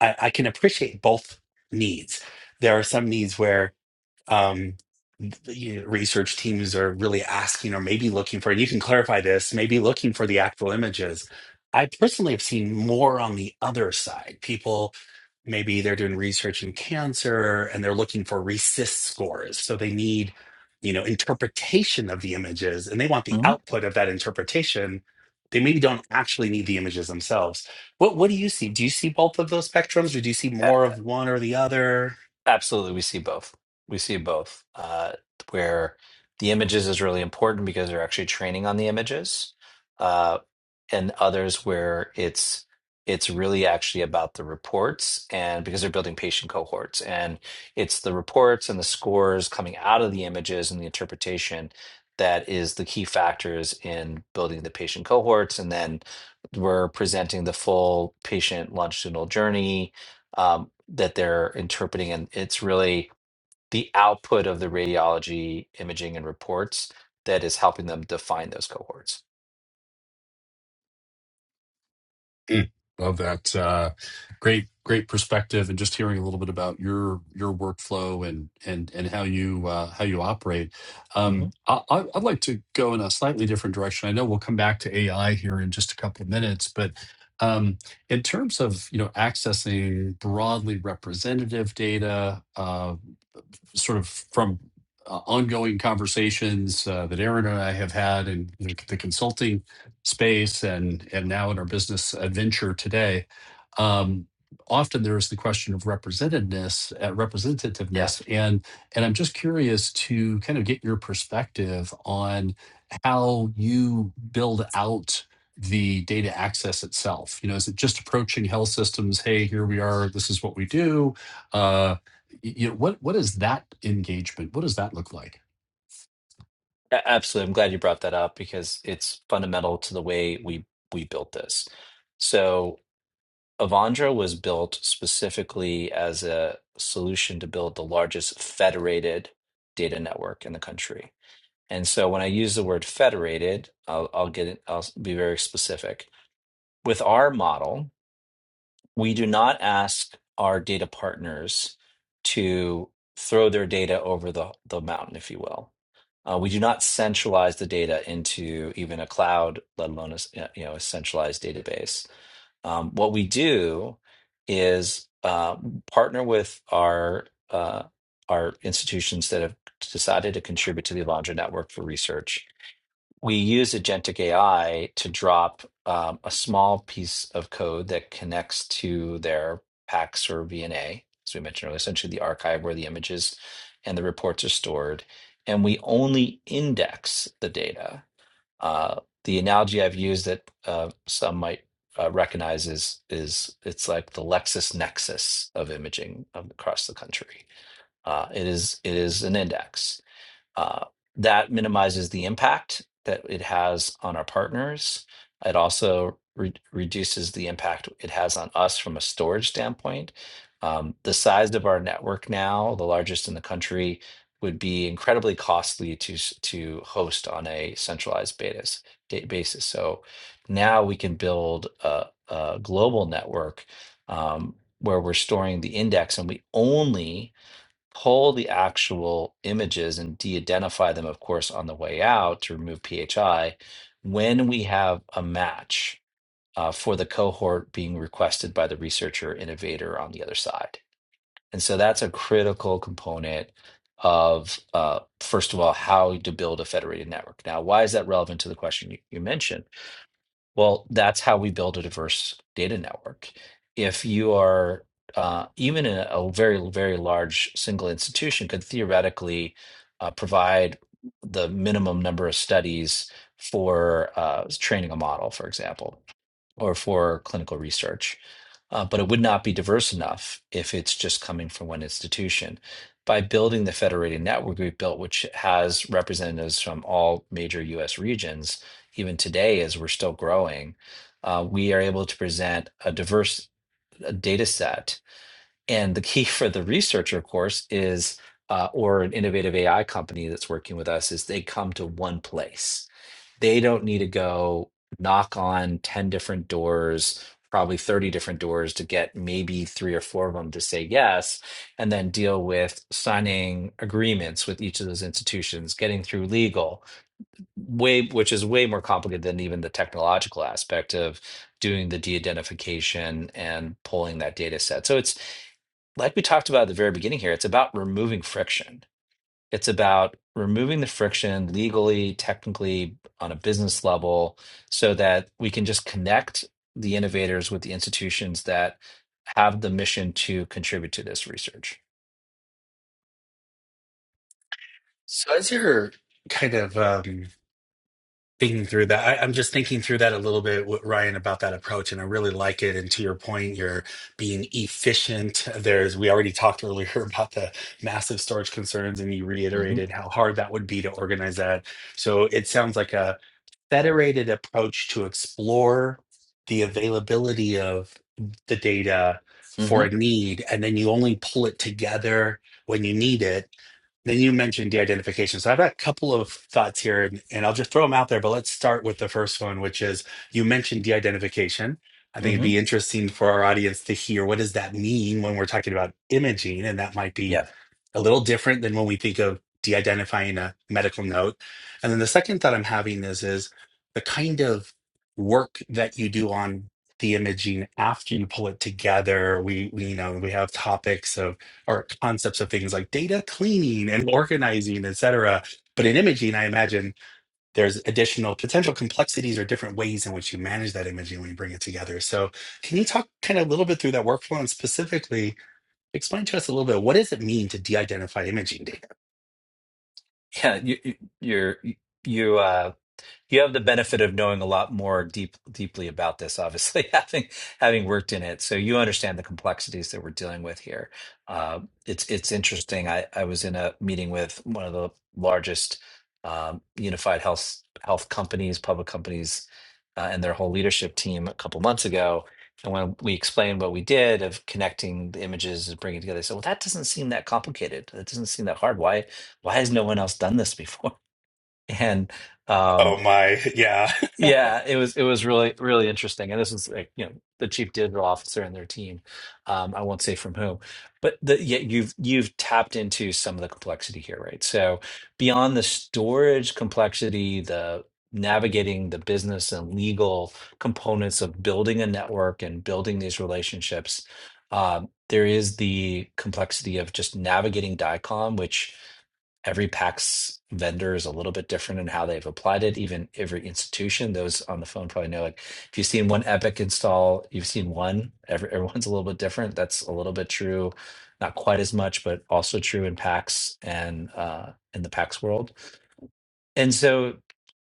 S1: I, I can appreciate both needs. There are some needs where um, the research teams are really asking or maybe looking for, and you can clarify this, maybe looking for the actual images. I personally have seen more on the other side. People, maybe they're doing research in cancer and they're looking for resist scores. So they need, you know, interpretation of the images and they want the
S2: hmm
S1: output of that interpretation. They maybe don't actually need the images themselves. What what do you see? Do you see both of those spectrums or do you see more of one or the other?
S2: Absolutely, we see both. We see both. Uh, where the images is really important because they're actually training on the images, uh, and others where it's it's really actually about the reports and because they're building patient cohorts and it's the reports and the scores coming out of the images and the interpretation that is the key factors in building the patient cohorts and then we're presenting the full patient longitudinal journey um, that they're interpreting, and it's really the output of the radiology imaging and reports that is helping them define those cohorts.
S3: Mm. Love that. Uh, great, great perspective, and just hearing a little bit about your your workflow and and and how you uh, how you operate.
S2: hmm
S3: Um, I, I- I'd like to go in a slightly different direction. I know we'll come back to AI here in just a couple of minutes, but um, in terms of you know accessing broadly representative data, uh, sort of from uh, ongoing conversations uh, that Aaron and I have had in the, the consulting space and and now in our business adventure today, um, often there is the question of representativeness, uh,
S2: Yeah,
S3: representativeness, and and I'm just curious to kind of get your perspective on how you build out the data access itself. You know, is it just approaching health systems? Hey, here we are. This is what we do. Uh, y- you know, what what is that engagement? What does that look like?
S2: a- absolutely. I'm glad you brought that up because it's fundamental to the way we we built this. So Avandra was built specifically as a solution to build the largest federated data network in the country. And so when I use the word federated, I'll, I'll get it, I'll be very specific. With our model, we do not ask our data partners to throw their data over the, the mountain, if you will. Uh, we do not centralize the data into even a cloud, let alone a, s- uh, you know a centralized database. Um, what we do is uh, partner with our uh, our institutions that have decided to contribute to the Avandra network for research we use agentic AI to drop um, a small piece of code that connects to their PACS or VNA, as we mentioned earlier, essentially the archive where the images and the reports are stored. And we only index the data. Uh, the analogy I've used that uh, some might uh, recognize is is it's like the LexisNexis of imaging um, across the country. Uh, it is it is an index uh, that minimizes the impact that it has on our partners. It also re- reduces the impact it has on us from a storage standpoint. Um, the size of our network now, the largest in the country, would be incredibly costly to s- to host on a centralized betas, da- basis. So now we can build a, a global network um, where we're storing the index, and we only pull the actual images and de-identify them, of course, on the way out to remove PHI when we have a match uh, for the cohort being requested by the researcher innovator on the other side. And so that's a critical component of, uh, first of all, how to build a federated network. Now, why is that relevant to the question you, you mentioned? Well, that's how we build a diverse data network. If you are uh, even in a, a very, very large single institution could theoretically uh, provide the minimum number of studies for uh, training a model, for example or for clinical research. Uh, but it would not be diverse enough if it's just coming from one institution. By building the federated network we've built, which has representatives from all major US regions, even today, as we're still growing, uh, we are able to present a diverse uh, data set. And the key <laughs> for the researcher, of course, is uh, or an innovative AI company that's working with us, is they come to one place they don't need to go knock on 10 different doors, probably 30 different doors to get maybe three or four of them to say yes, and then deal with signing agreements with each of those institutions, getting through legal, way which is way more complicated than even the technological aspect of doing the de-identification and pulling that data set. So it's like we talked about at the very beginning here, it's about removing friction it's about removing the friction legally, technically, on a business level, so that we can just connect the innovators with the institutions that have the mission to contribute to this research.
S1: So as you're kind of um, thinking through that, I, I'm just thinking through that a little bit, with Ryan, about that approach, and I really like it. And to your point, you're being efficient. There's we already talked earlier <laughs> about the massive storage concerns, and you
S2: hmm
S1: reiterated how hard that would be to organize that. So it sounds like a federated approach to explore the availability of the data
S2: hmm
S1: for a need, and then you only pull it together when you need it then you mentioned de-identification. So I've got a couple of thoughts here, and, and I'll just throw them out there. But let's start with the first one, which is you mentioned de-identification. I think it'd
S2: hmm
S1: be interesting for our audience to hear what does that mean when we're talking about imaging, and that might be
S2: Yeah,
S1: a little different than when we think of de-identifying a medical note. And then the second thought I'm having is is the kind of work that you do on the imaging after you pull it together. We, we you know we have topics of or concepts of things like data cleaning and organizing, et cetera. But in imaging, I imagine there's additional potential complexities or different ways in which you manage that imaging when you bring it together. So, can you talk kind of a little bit through that workflow and specifically Explain to us a little bit. What does it mean to de-identify imaging data?
S2: <laughs> yeah. You, you, you're you. Uh, you have the benefit of knowing a lot more deep deeply about this obviously <laughs> having having worked in it so you understand the complexities that we're dealing with here uh, it's it's interesting I, I was in a meeting with one of the largest um, unified health health companies public companies uh, and their whole leadership team a couple months ago and when we explained what we did of connecting the images and bringing it together they said well that doesn't seem that complicated that doesn't seem that hard why why has no one else done this before <laughs> and um,
S1: Oh my, yeah.
S2: yeah, it was it was really really interesting, and this is like you know the chief digital officer and their team. Um, I won't say from whom, but the, yeah, you've you've tapped into some of the complexity here, right? So beyond the storage complexity, the navigating the business and legal components of building a network and building these relationships, um, there is the complexity of just navigating DICOM, which Every PAX vendor is a little bit different in how they've applied it, even every institution. Those on the phone probably know, like, if you've seen one Epic install, you've seen one. Every, <laughs> everyone's a little bit different. That's a little bit true, not quite as much, but also true in PAX and uh, in the PAX world and so,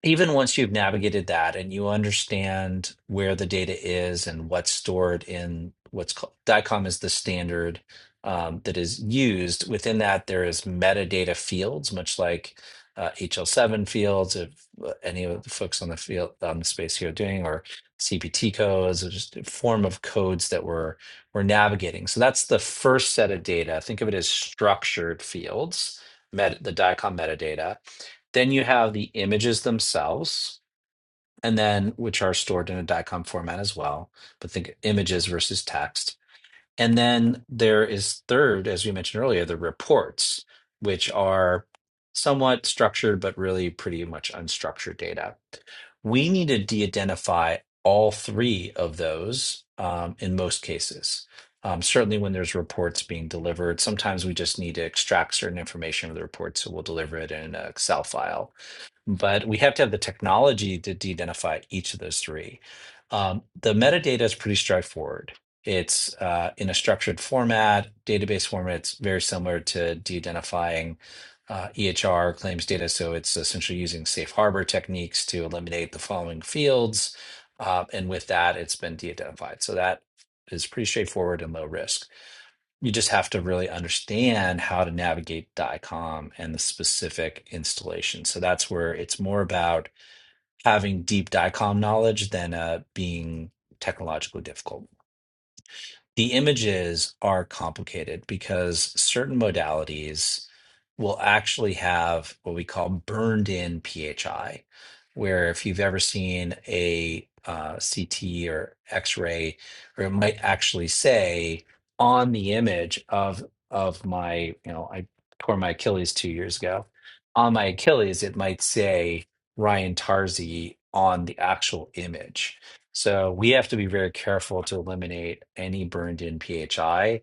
S2: even once you've navigated that and you understand where the data is and what's stored in what's called DICOM is the standard um, that is used. Within that, there is metadata fields, much like uh, HL7 fields, if uh, any of the folks on the field on the space here are doing, or CPT codes, or just a form of codes that we're we're navigating. So that's the first set of data. Think of it as structured fields, met, the DICOM metadata. Then you have the images themselves, and then which are stored in a DICOM format as well. But think images versus text. And then there is third, as we mentioned earlier, the reports, which are somewhat structured, but really pretty much unstructured data. We need to de identify all three of those um, in most cases. Um, certainly, when there's reports being delivered, sometimes we just need to extract certain information from the report, so we'll deliver it in an Excel file but we have to have the technology to de-identify each of those three. Um, the metadata is pretty straightforward. It's uh, in a structured format, database format. It's very similar to de-identifying uh, EHR claims data. So it's essentially using safe harbor techniques to eliminate the following fields, uh, and with that, it's been de-identified. So that is pretty straightforward and low risk you just have to really understand how to navigate the DICOM and the specific installation. So that's where it's more about having deep DICOM knowledge than uh, being technologically difficult the images are complicated because certain modalities will actually have what we call burned in PHI, where if you've ever seen a uh, CT or X ray, or it might actually say on the image of of my, you know, I tore my Achilles two years ago. On my Achilles, it might say Ryan Tarzi on the actual image so we have to be very careful to eliminate any burned in PHI.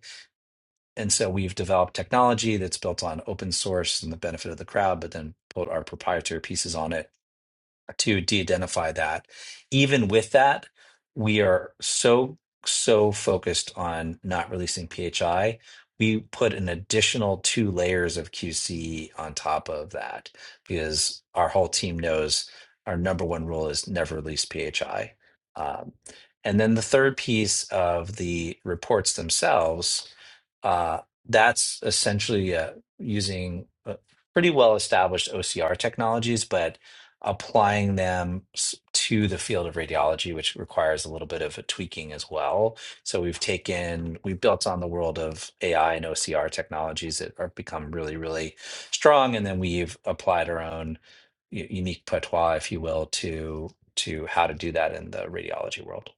S2: And so we've developed technology that's built on open source and the benefit of the crowd, but then put our proprietary pieces on it to de-identify that. Even with that, we are so so focused on not releasing PHI. We put an additional two layers of QC on top of that because our whole team knows our number one rule is never release PHI. Um, and then the third piece of the reports themselves, uh, that's essentially uh, using uh, pretty well established OCR technologies, but applying them s- to the field of radiology, which requires a little bit of a tweaking as well. So we've taken, we built on the world of AI and OCR technologies that have become really, really strong, and then we've applied our own u- unique patois, if you will, to to how to do that in the radiology world.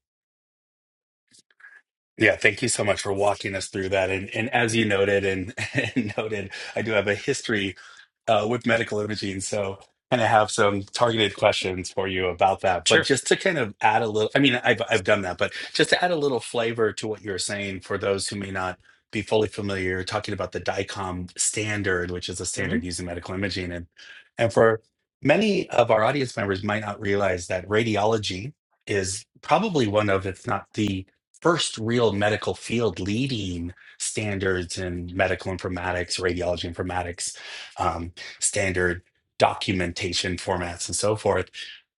S1: Yeah, thank you so much for walking us through that. And and as you noted and, <laughs> and noted, I do have a history uh, with medical imaging, so kind of have some targeted questions for you about that. But
S2: Sure.
S1: just to kind of add a little, I mean, I've I've done that, but just to add a little flavor to what you're saying for those who may not be fully familiar, you're talking about the DICOM standard, which is a
S2: Mhm.
S1: standard used in medical imaging, and and for many of our audience members might not realize that radiology is probably one of, if not the first real medical field leading standards in medical informatics, radiology informatics, um, standard documentation formats, and so forth.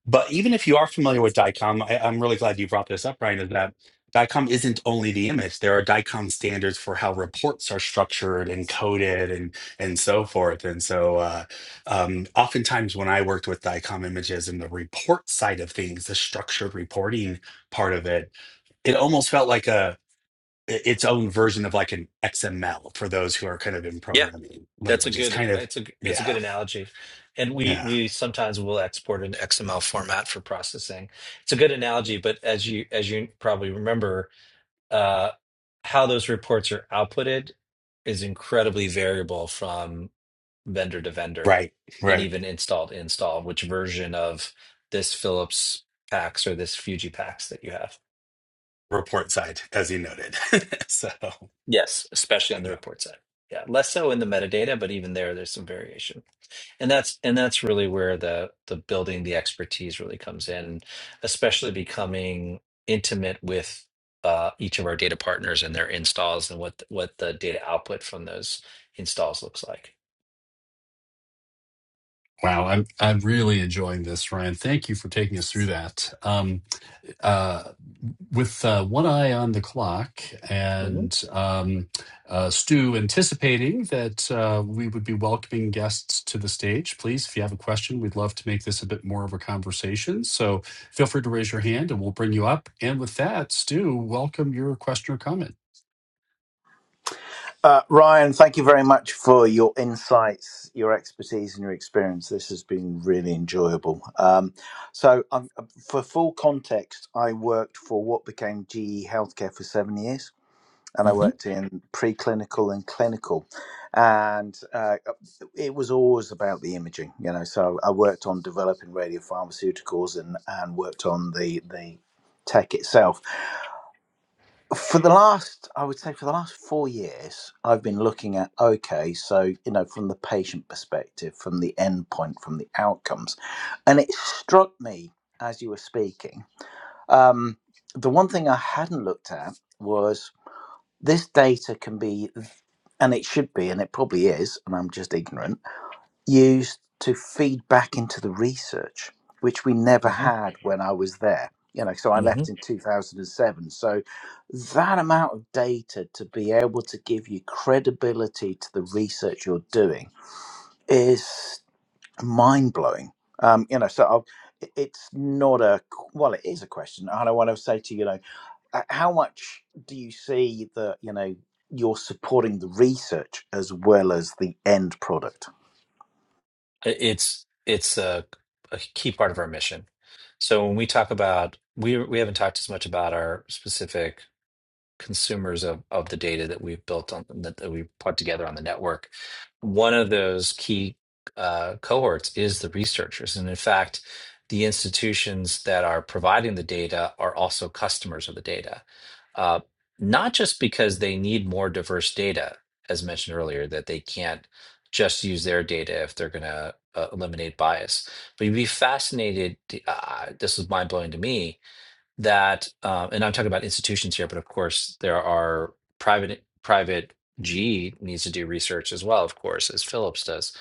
S1: But even if you are familiar with DICOM, I, I'm really glad you brought this up, Brian, is that DICOM isn't only the image. There are DICOM standards for how reports are structured and coded and and so forth. And so uh, um, oftentimes when I worked with DICOM images and the report side of things, the structured reporting part of it, it almost felt like a its own version of like an XML for those who are kind of in programming
S2: That's a
S1: languages.
S2: good
S1: Kind of,
S2: it's a it's a good
S1: yeah,
S2: analogy. And we
S1: yeah,
S2: we sometimes will export an XML format for processing. It's a good analogy, but as you as you probably remember, uh, how those reports are outputted is incredibly variable from vendor to vendor
S1: right,
S2: and
S1: right.
S2: even install to install, which version of this Philips PAX or this Fuji PAX that you have.
S1: Report side, as you noted. <laughs> so,
S2: Yes, especially on
S1: you
S2: the
S1: know.
S2: report side. Yeah, less so in the metadata, but even there, there's some variation. and that's and that's really where the the building the expertise really comes in especially becoming intimate with uh, each of our data partners and their installs and what what the data output from those installs looks like
S3: Wow, I'm I'm really enjoying this, Ryan. Thank you for taking us through that. Um, uh, with uh, one eye on the clock,
S2: hmm
S3: and um, uh, Stu anticipating that uh, we would be welcoming guests to the stage. Please, if you have a question, we'd love to make this a bit more of a conversation. So feel free to raise your hand, and we'll bring you up. And with that, Stu, welcome your question or comment.
S4: Uh, Ryan, thank you very much for your insights, your expertise, and your experience. This has been really enjoyable. Um, so, um, for full context, I worked for what became GE Healthcare for seven years, and I
S2: hmm
S4: worked in preclinical and clinical. And uh, it was always about the imaging, you know. So, I worked on developing radiopharmaceuticals and, and worked on the, the tech itself for the last i would say for the last four years i've been looking at okay so you know from the patient perspective from the endpoint, from the outcomes and it struck me as you were speaking um, the one thing i hadn't looked at was this data can be and it should be and it probably is and i'm just ignorant used to feed back into the research, which we never
S2: hmm
S4: had when I was there. You know, so I
S2: hmm
S4: left in 2007. So that amount of data to be able to give you credibility to the research you're doing is mind blowing. Um, you know, so I'll, it- it's not a well, it is a question. And I want to say to you, you know, uh, how much do you see that you know you're supporting the research as well as the end product?
S2: it's it's a, a key part of our mission so when we talk about we we haven't talked as much about our specific consumers of, of the data that we've built on that, that we've put together on the network. One of those key uh, cohorts is the researchers. And in fact, the institutions that are providing the data are also customers of the data, uh, not just because they need more diverse data, as mentioned earlier, that they can't just use their data if they're going to uh, eliminate bias. But you'd be fascinated. Uh, this was mind blowing to me that uh, and i'm talking about institutions here but of course there are private private g needs to do research as well of course as phillips does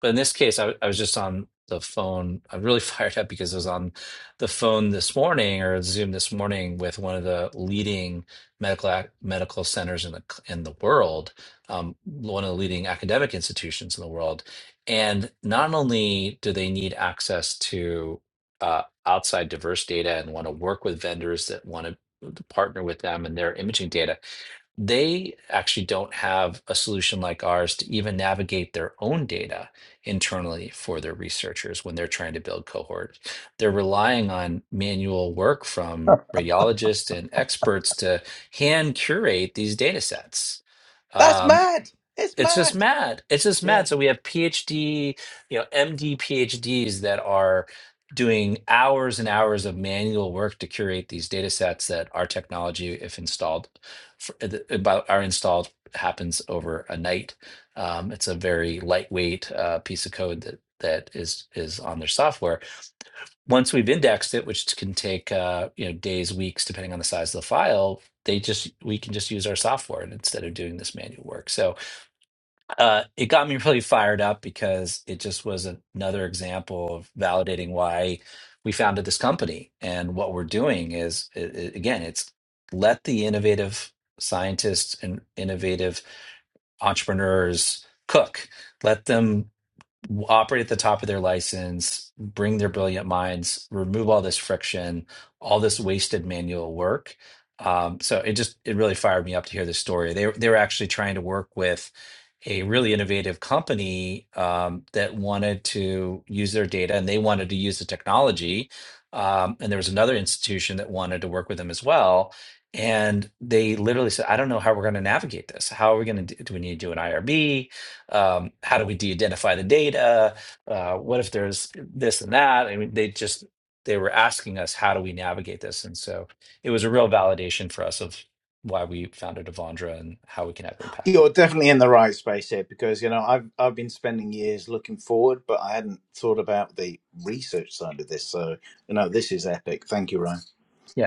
S2: but in this case, I, I was just on the phone. I'm really <laughs> fired up because I was on the phone this morning or Zoom this morning with one of the leading medical ac- medical centers in the c- in the world, um, one of the leading academic institutions in the world. And not only do they need access to uh, outside diverse data and want to work with vendors that want to partner with them and their imaging data, they actually don't have a solution like ours to even navigate their own data internally for their researchers when they're trying to build cohorts. They're relying on manual work from radiologists and experts to hand curate these data sets.
S4: That's
S2: Um,
S4: mad. It's
S2: it's just
S4: mad.
S2: mad. It's just
S4: Yeah.
S2: mad. So we have PhD, you know, MD PhDs that are doing hours and hours of manual work to curate these data sets that our technology, if installed, for, uh, the- about are installed, happens over a night. Um, it's a very lightweight uh, piece of code that that is is on their software. Once we've indexed it, which can take uh, you know days, weeks, depending on the size of the file, they just we can just use our software and instead of doing this manual work. So uh, it got me really fired up because it just was another example of validating why we founded this company and what we're doing is i- i- again it's let the innovative scientists and innovative entrepreneurs cook let them operate at the top of their license, bring their brilliant minds, remove all this friction, all this wasted manual work. Um, so it just it really fired me up to hear this story. They they were actually trying to work with a really innovative company um, that wanted to use their data and they wanted to use the technology. Um, and there was another institution that wanted to work with them as well. And they literally said, "I don't know how we're going to navigate this. How are we going to do? Do we need to do an IRB? um, how do we de-identify the data? Uh, what if there's this and that? I mean, they just they were asking us how do we navigate this, and so it was a real validation for us of why we founded Avandra and how we can have impact.
S4: You're definitely in the right space here because you know I've I've been spending years looking forward, but I hadn't thought about the research side of this. So you know this is epic. Thank you, Ryan.
S2: Yeah.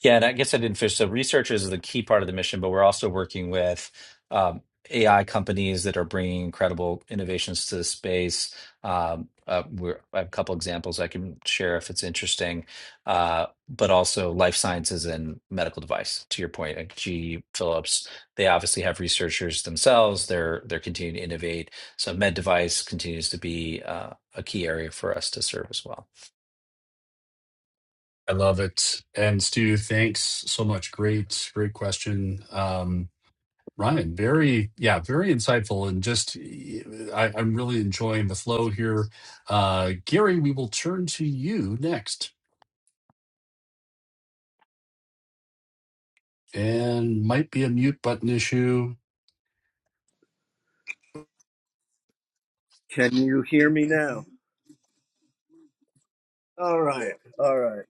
S2: Yeah, and I guess I didn't finish. So research is the key part of the mission, but we're also working with um, AI companies that are bringing incredible innovations to the space. Um, uh, we're, I have a couple examples I can share if it's interesting, uh, but also life sciences and medical device. To your point, like GE Phillips, they obviously have researchers themselves. They're they're continuing to innovate. So med device continues to be uh, a key area for us to serve as well.
S3: I love it. And Stu, thanks so much. Great, great question. Um, Ryan, very, yeah, very insightful. And just, I, I'm really enjoying the flow here. Uh, Gary, we will turn to you next. And might be a mute button issue.
S5: Can you hear me now? All right, all right.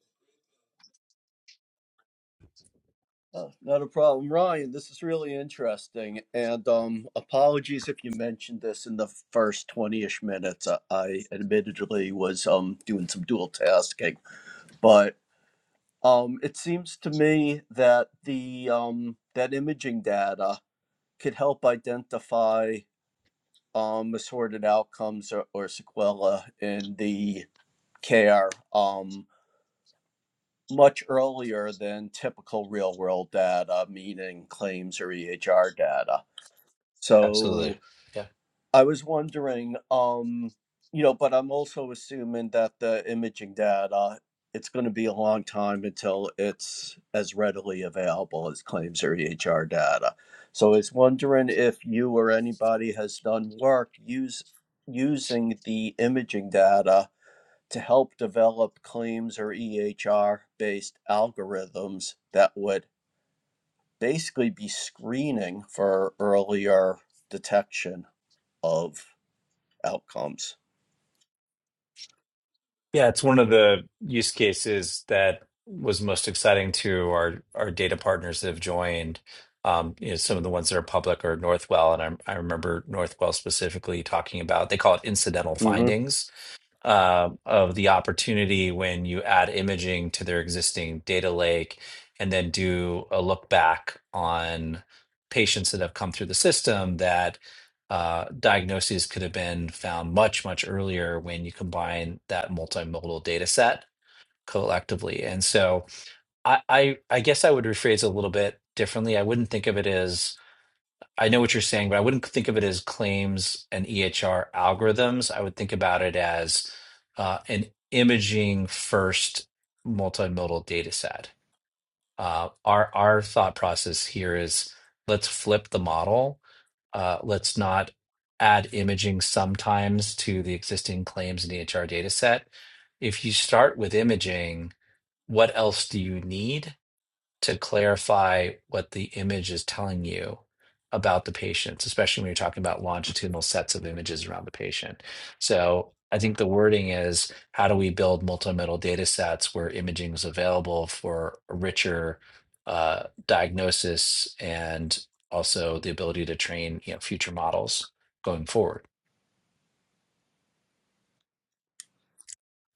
S5: Uh, not a problem, Ryan. This is really interesting, and um, apologies if you mentioned this in the first twenty-ish minutes. I, I admittedly was um doing some dual tasking, but um, it seems to me that the um that imaging data could help identify um assorted outcomes or, or sequela in the care. Um, much earlier than typical real world data, meaning claims or EHR data.
S2: Absolutely.
S5: So
S2: Yeah.
S5: I was wondering, um, you know, but I'm also assuming that the imaging data, it's going to be a long time until it's as readily available as claims or EHR data. So I was wondering if you or anybody has done work use, using the imaging data to help develop claims or EHR based algorithms that would basically be screening for earlier detection of outcomes.
S2: Yeah, it's one of the use cases that was most exciting to our our data partners that have joined. Um, you know, some of the ones that are public are Northwell, and I, I remember Northwell specifically talking about they call it incidental
S5: hmm
S2: findings uh, of the opportunity when you add imaging to their existing data lake and then do a look back on patients that have come through the system that uh, diagnoses could have been found much, much earlier when you combine that multimodal data set collectively. And so I, I, I guess I would rephrase a little bit differently. I wouldn't think of it as I know what you're saying, but I wouldn't think of it as claims and EHR algorithms. I would think about it as uh, an imaging first multimodal data set. Uh, our our thought process here is let's flip the model. Uh, let's not add imaging sometimes to the existing claims and EHR data set. If you start with imaging, what else do you need? to clarify what the image is telling you about the patient, especially when you're talking about longitudinal sets of images around the patient. So I think the wording is how do we build multimodal data sets where imaging is available for a richer uh, diagnosis and also the ability to train you know, future models going forward.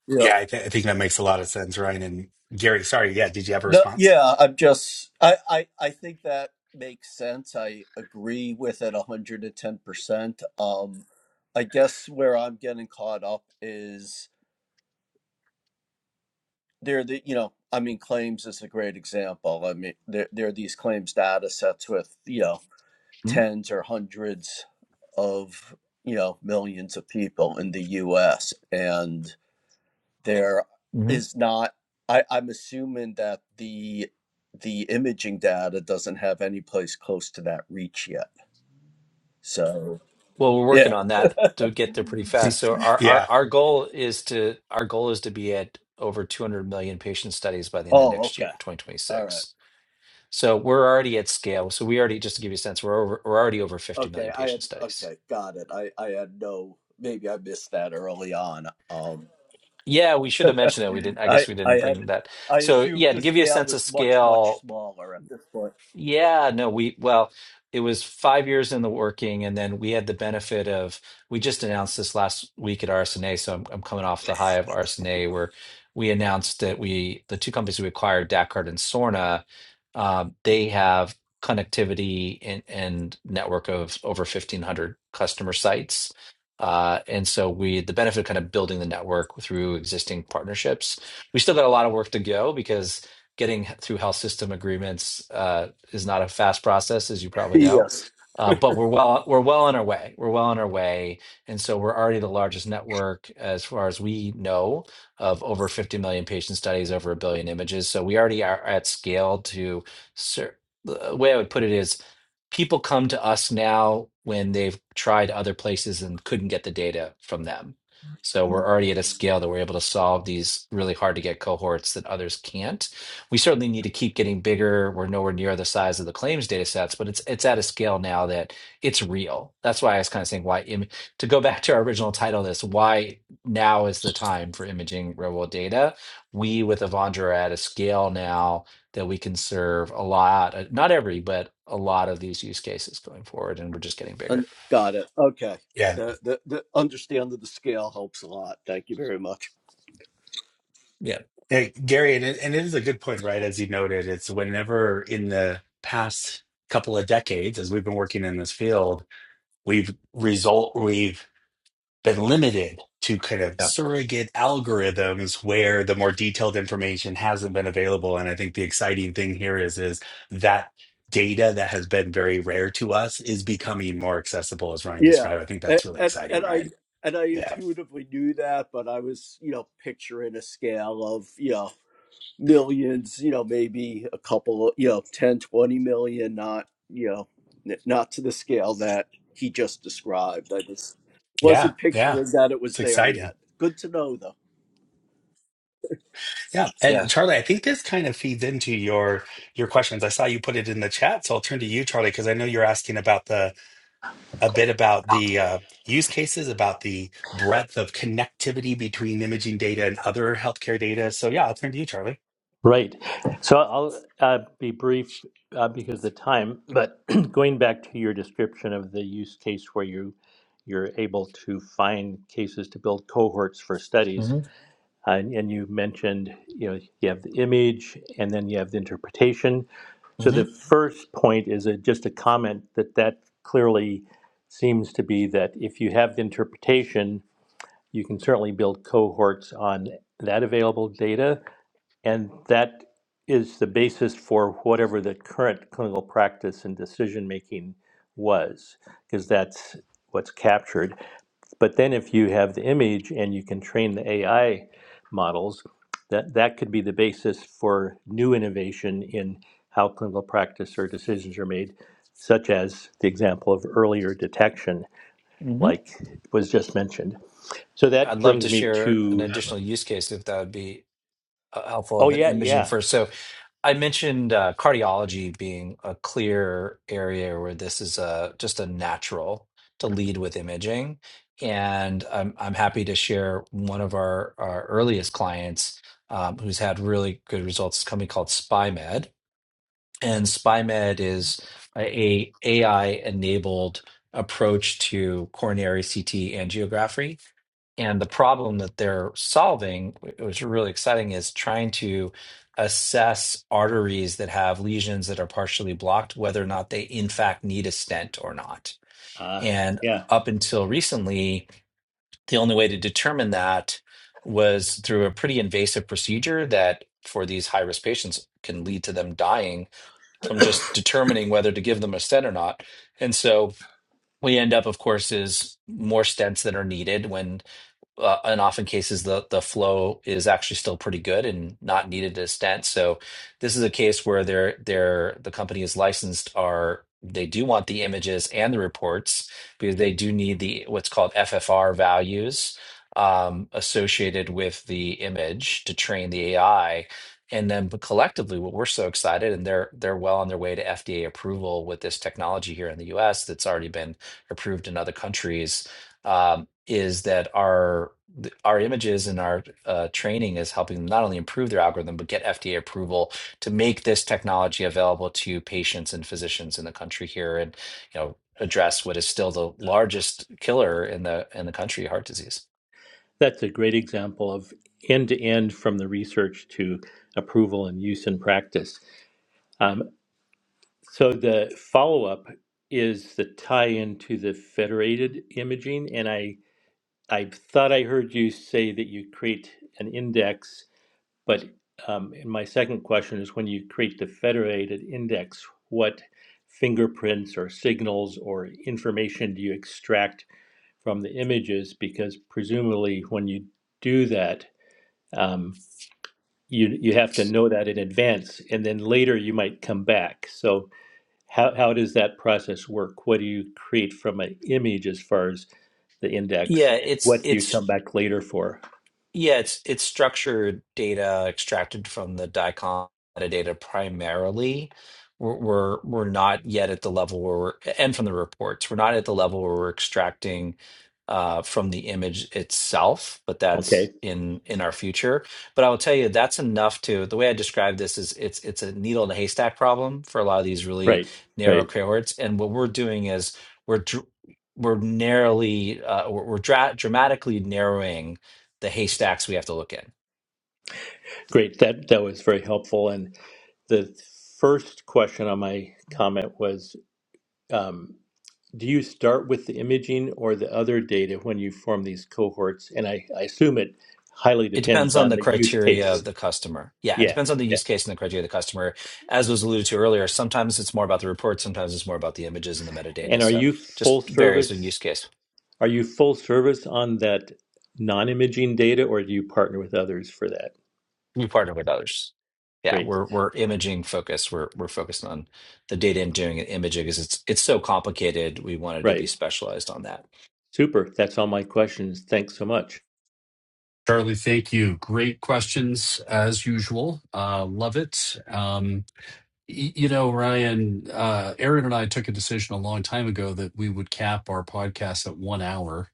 S5: Yeah.
S1: yeah, I, th- I think that makes a lot of sense, Ryan and Gary. Sorry, yeah. Did you have a
S5: No,
S1: response?
S5: yeah, I'm just I, I I think that makes sense. I agree with it 110%. Um I guess where I'm getting caught up
S1: <laughs>
S5: is there the you know, I mean claims is a great example. I mean there there are these claims data sets with, you know,
S2: Mm-hmm.
S5: tens or hundreds of you know millions of people in the US and there is not I, I'm assuming that the the imaging data doesn't have any place close to that reach yet. So
S2: Well, we're working
S5: yeah.
S2: on that to get there pretty fast. So our our
S1: yeah,
S2: our goal is to our goal is to be at over 200 million patient studies by the end of
S5: Oh
S2: next year,
S5: okay. All right.
S2: 2026. So we're already at scale. So we already, just to give you a sense, we're over we're already over 50
S5: Okay.
S2: million
S5: I had
S2: patient studies.
S5: okay, got it. I, I had no maybe I missed that early on. Um
S2: Yeah, we should have mentioned that. We
S5: <laughs>
S2: didn't. I guess
S5: I
S2: we
S5: I
S2: didn't
S5: had
S2: bring that.
S5: I
S2: So
S5: assumed
S2: yeah, to
S5: the
S2: give you a
S5: scale
S2: sense of
S5: was much,
S2: scale,
S5: much smaller at this point.
S2: Yeah, no, we, well, it was five years in the working, and then we had the benefit of, we just announced this last week at RSNA, so I'm, I'm coming off the high of RSNA, where we announced that we, the two companies we acquired, Dacart and Sorna, um, they have connectivity and, and network of over 1,500 customer sites. Uh, and so we, the benefit of kind of building the network through existing partnerships. We still got a lot of work to go because getting through health system agreements uh, is not a fast process, as you
S5: <laughs>
S2: probably know.
S5: Yes.
S2: Uh, but we're well, we're well on our way. We're well on our way, and so we're already the largest network as far as we know of over 50 million patient studies, over a billion images. So we already are at scale to sir, the way I would put it is people come to us now when they've tried other places and couldn't get the data from them. So we're already at a scale that we're able to solve these really hard to get cohorts that others can't. We certainly need to keep getting bigger. We're nowhere near the size of the claims data sets, but it's it's at a scale now that it's real. That's why I was kind of saying why im- to go <laughs> back to our original title of this, why now is the time for imaging real world data. We with Avandra are at a scale now that we can serve a lot, uh, not every, but a lot of these use cases going forward, and we're just getting
S5: And
S2: bigger.
S5: got it. Okay.
S1: yeah,
S5: The, the the understanding the scale helps a lot. Thank you very much.
S2: Yeah.
S1: Hey, Gary, and it, and it is a good point, right? As you noted, it's whenever in the past couple of decades, as we've been working in this field, we've result we've been limited to kind of
S2: Yeah.
S1: surrogate algorithms where the more detailed information hasn't been available and i think the exciting thing here is is that data that has been very rare to us is becoming more accessible as ryan
S5: Yeah.
S1: described i think
S5: And,
S1: that's really
S5: and
S1: exciting
S5: and I
S1: ryan
S5: and I
S1: yeah
S5: intuitively knew that, but I was, you know, picturing a scale of, you know, millions, you know, maybe a couple of, you know, ten twenty million, not, you know, n- not to the scale that he just described. I just
S1: yeah
S5: wasn't
S1: yeah
S5: picturing that it was
S1: it's
S5: there
S1: exciting
S5: yet. Good to know though.
S1: yeah and
S2: Yeah.
S1: charlie i think this kind of feeds into your your questions i saw you put it in the chat so i'll turn to you charlie because i know you're asking about the a bit about the uh, use cases, about the breadth of connectivity between imaging data and other healthcare data. So, yeah, I'll turn to you, Charlie.
S6: Right. So I'll uh, be brief uh, because of the time, but <clears throat> going back to your description of the use case where you you're able to find cases to build cohorts for studies,
S2: hmm
S6: uh, and, and you mentioned you know you have the image and then you have the interpretation. So the
S2: hmm
S6: first point is a, just a comment that that clearly seems to be that if you have the interpretation, you can certainly build cohorts on that available data and that is the basis for whatever the current clinical practice and decision making was, because that's what's captured. But then if you have the image and you can train the AI models, that, that could be the basis for new innovation in how clinical practice or decisions are made, such as the example of earlier detection,
S2: hmm
S6: like was just mentioned. So
S2: I'd
S6: that
S2: love to
S6: brings me
S2: share an
S6: to,
S2: additional use case if that would be uh, helpful
S6: oh,
S2: of an
S6: yeah,
S2: imaging
S6: yeah.
S2: first. So I mentioned uh, cardiology being a clear area where this is a, just a natural to lead with imaging. And I'm, I'm happy to share one of our, our earliest clients um, who's had really good results, It's a company called SpyMed. And SpyMed is a a AI-enabled approach to coronary CT angiography. And the problem that they're solving, wh- which is really exciting, is trying to assess arteries that have lesions that are partially blocked, whether or not they in fact need a stent or not.
S6: Uh,
S2: And
S6: yeah.
S2: up until recently, the only way to determine that was through a pretty invasive procedure that for these high-risk patients can lead to them dying from just determining whether to give them a stent or not. And so we end up, of course, is more stents that are needed when uh, and often cases the the flow is actually still pretty good and not needed to stent. So this is a case where they're they're the company is licensed are they do want the images and the reports because they do need the what's called FFR values um, associated with the image to train the AI. And then but collectively, what we're so excited, and they're they're well on their way to FDA approval with this technology here in the US that's already been approved in other countries um, is that our our images and our uh, training is helping them not only improve their algorithm but get FDA approval to make this technology available to patients and physicians in the country here, and you know address what is still the largest killer in the in the country, heart disease.
S6: That's a great example of end to end from the research to approval and use in practice. Um, so the follow up is the tie into the federated imaging. And I, I thought I heard you say that you create an index, but um, and my second question is when you create the federated index, what fingerprints or signals or information do you extract from the images? Because presumably when you do that, um, you you have to know that in advance and then later you might come back so how, how does that process work what do you create from an image as far as the index
S2: Yeah, it's
S6: what do you come
S2: it's
S6: back later for
S2: Yeah, it's it's structured data extracted from the DICOM metadata primarily. We're, we're we're not yet at the level where we're and from the reports, we're not at the level where we're extracting uh, from the image itself, but
S6: okay
S2: that's in in our future. But I will tell you that's enough to the way I describe this is it's it's a needle in a haystack problem for a lot of these really
S6: right
S2: narrow
S6: right
S2: cohorts. And what we're doing is we're dr- we're narrowly uh, we're, we're dra dramatically narrowing the haystacks we have to look in.
S6: great that that was very helpful and the first question on my comment was um, do you start with the imaging or the other data when you form these cohorts and i, I assume it highly
S2: It
S6: depends
S2: depends on
S6: on
S2: the
S6: the use
S2: criteria of
S6: case
S2: the customer. Yeah, it
S6: yeah
S2: depends on the
S6: yeah.
S2: use case and the criteria of the customer. As was alluded to earlier, sometimes it's more about the report, sometimes it's more about the images and the metadata.
S6: And are
S2: So
S6: you full
S2: just varies in
S6: service?
S2: use case.
S6: Are you full service on that non-imaging data, or do you partner with others for that?
S2: We partner with others. Yeah,
S6: Great.
S2: we're we're imaging focused. We're we're focused on the data engineering and doing imaging because it's it's so complicated. We wanted to be
S6: Right.
S2: specialized on that.
S6: Super. That's all my questions. Thanks so much.
S3: Charlie, thank you. Great questions as usual. Uh, love it. Um, y- you know, Ryan, uh, Aaron and I took a decision a long time ago that we would cap our podcast at one hour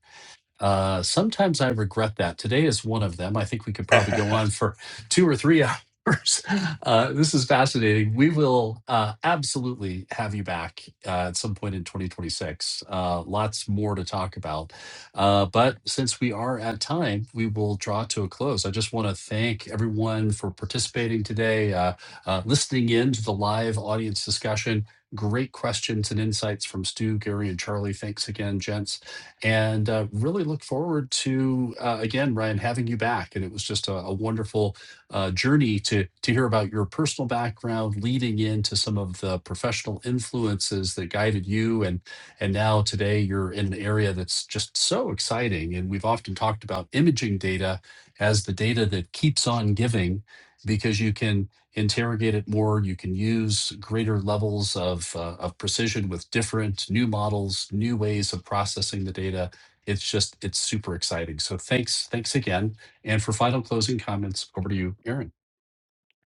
S3: Uh, sometimes I regret that. Today is one of them. I think we could probably go
S1: <laughs>
S3: on for two or three <laughs> hours. Uh, this is fascinating. We will uh, absolutely have you back uh, at some point in 2026. Uh, lots more to talk about. Uh, but since we are at time, we will draw to a close. I just want to thank everyone for participating today, uh, uh, listening in to the live audience discussion. Great questions and insights from Stu, Gary, and Charlie. Thanks again, gents and uh, really look forward to uh, again ryan having you back and it was just a, a wonderful uh, journey to to hear about your personal background leading into some of the professional influences that guided you and and now today you're in an area that's just so exciting and we've often talked about imaging data as the data that keeps on giving because you can interrogate it more. You can use greater levels of, uh, of precision with different new models, new ways of processing the data. It's just, it's super exciting. So thanks, thanks again. And for final closing comments, over to you, Aaron.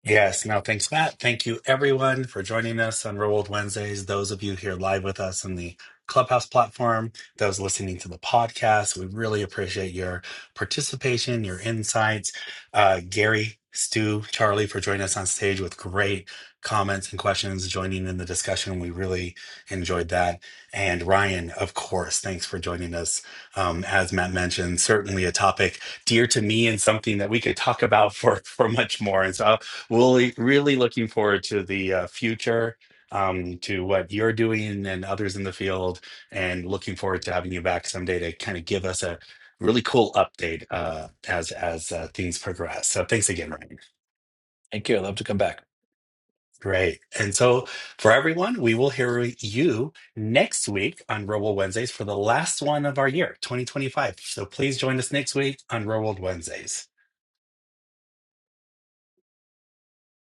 S1: Yes, no, thanks, Matt. Thank you, everyone, for joining us on Real World Wednesdays. Those of you here live with us on the Clubhouse platform, those listening to the podcast, we really appreciate your participation, your insights. Uh, Gary, Stu, Charlie, for joining us on stage with great comments and questions, joining in the discussion. We really enjoyed that. And Ryan, of course, thanks for joining us. Um, as Matt mentioned, certainly a topic dear to me and something that we could talk about for for much more. And so Really, really looking forward to the uh, future, um, to what you're doing and others in the field, and looking forward to having you back someday to kind of give us a really cool update uh, as as uh, things progress. So thanks again, Ryan.
S2: Thank you. I'd love to come back.
S1: Great. And so for everyone, we will hear you next week on Real World Wednesdays for the last one of our year, 2025. So please join us next week on Real World Wednesdays.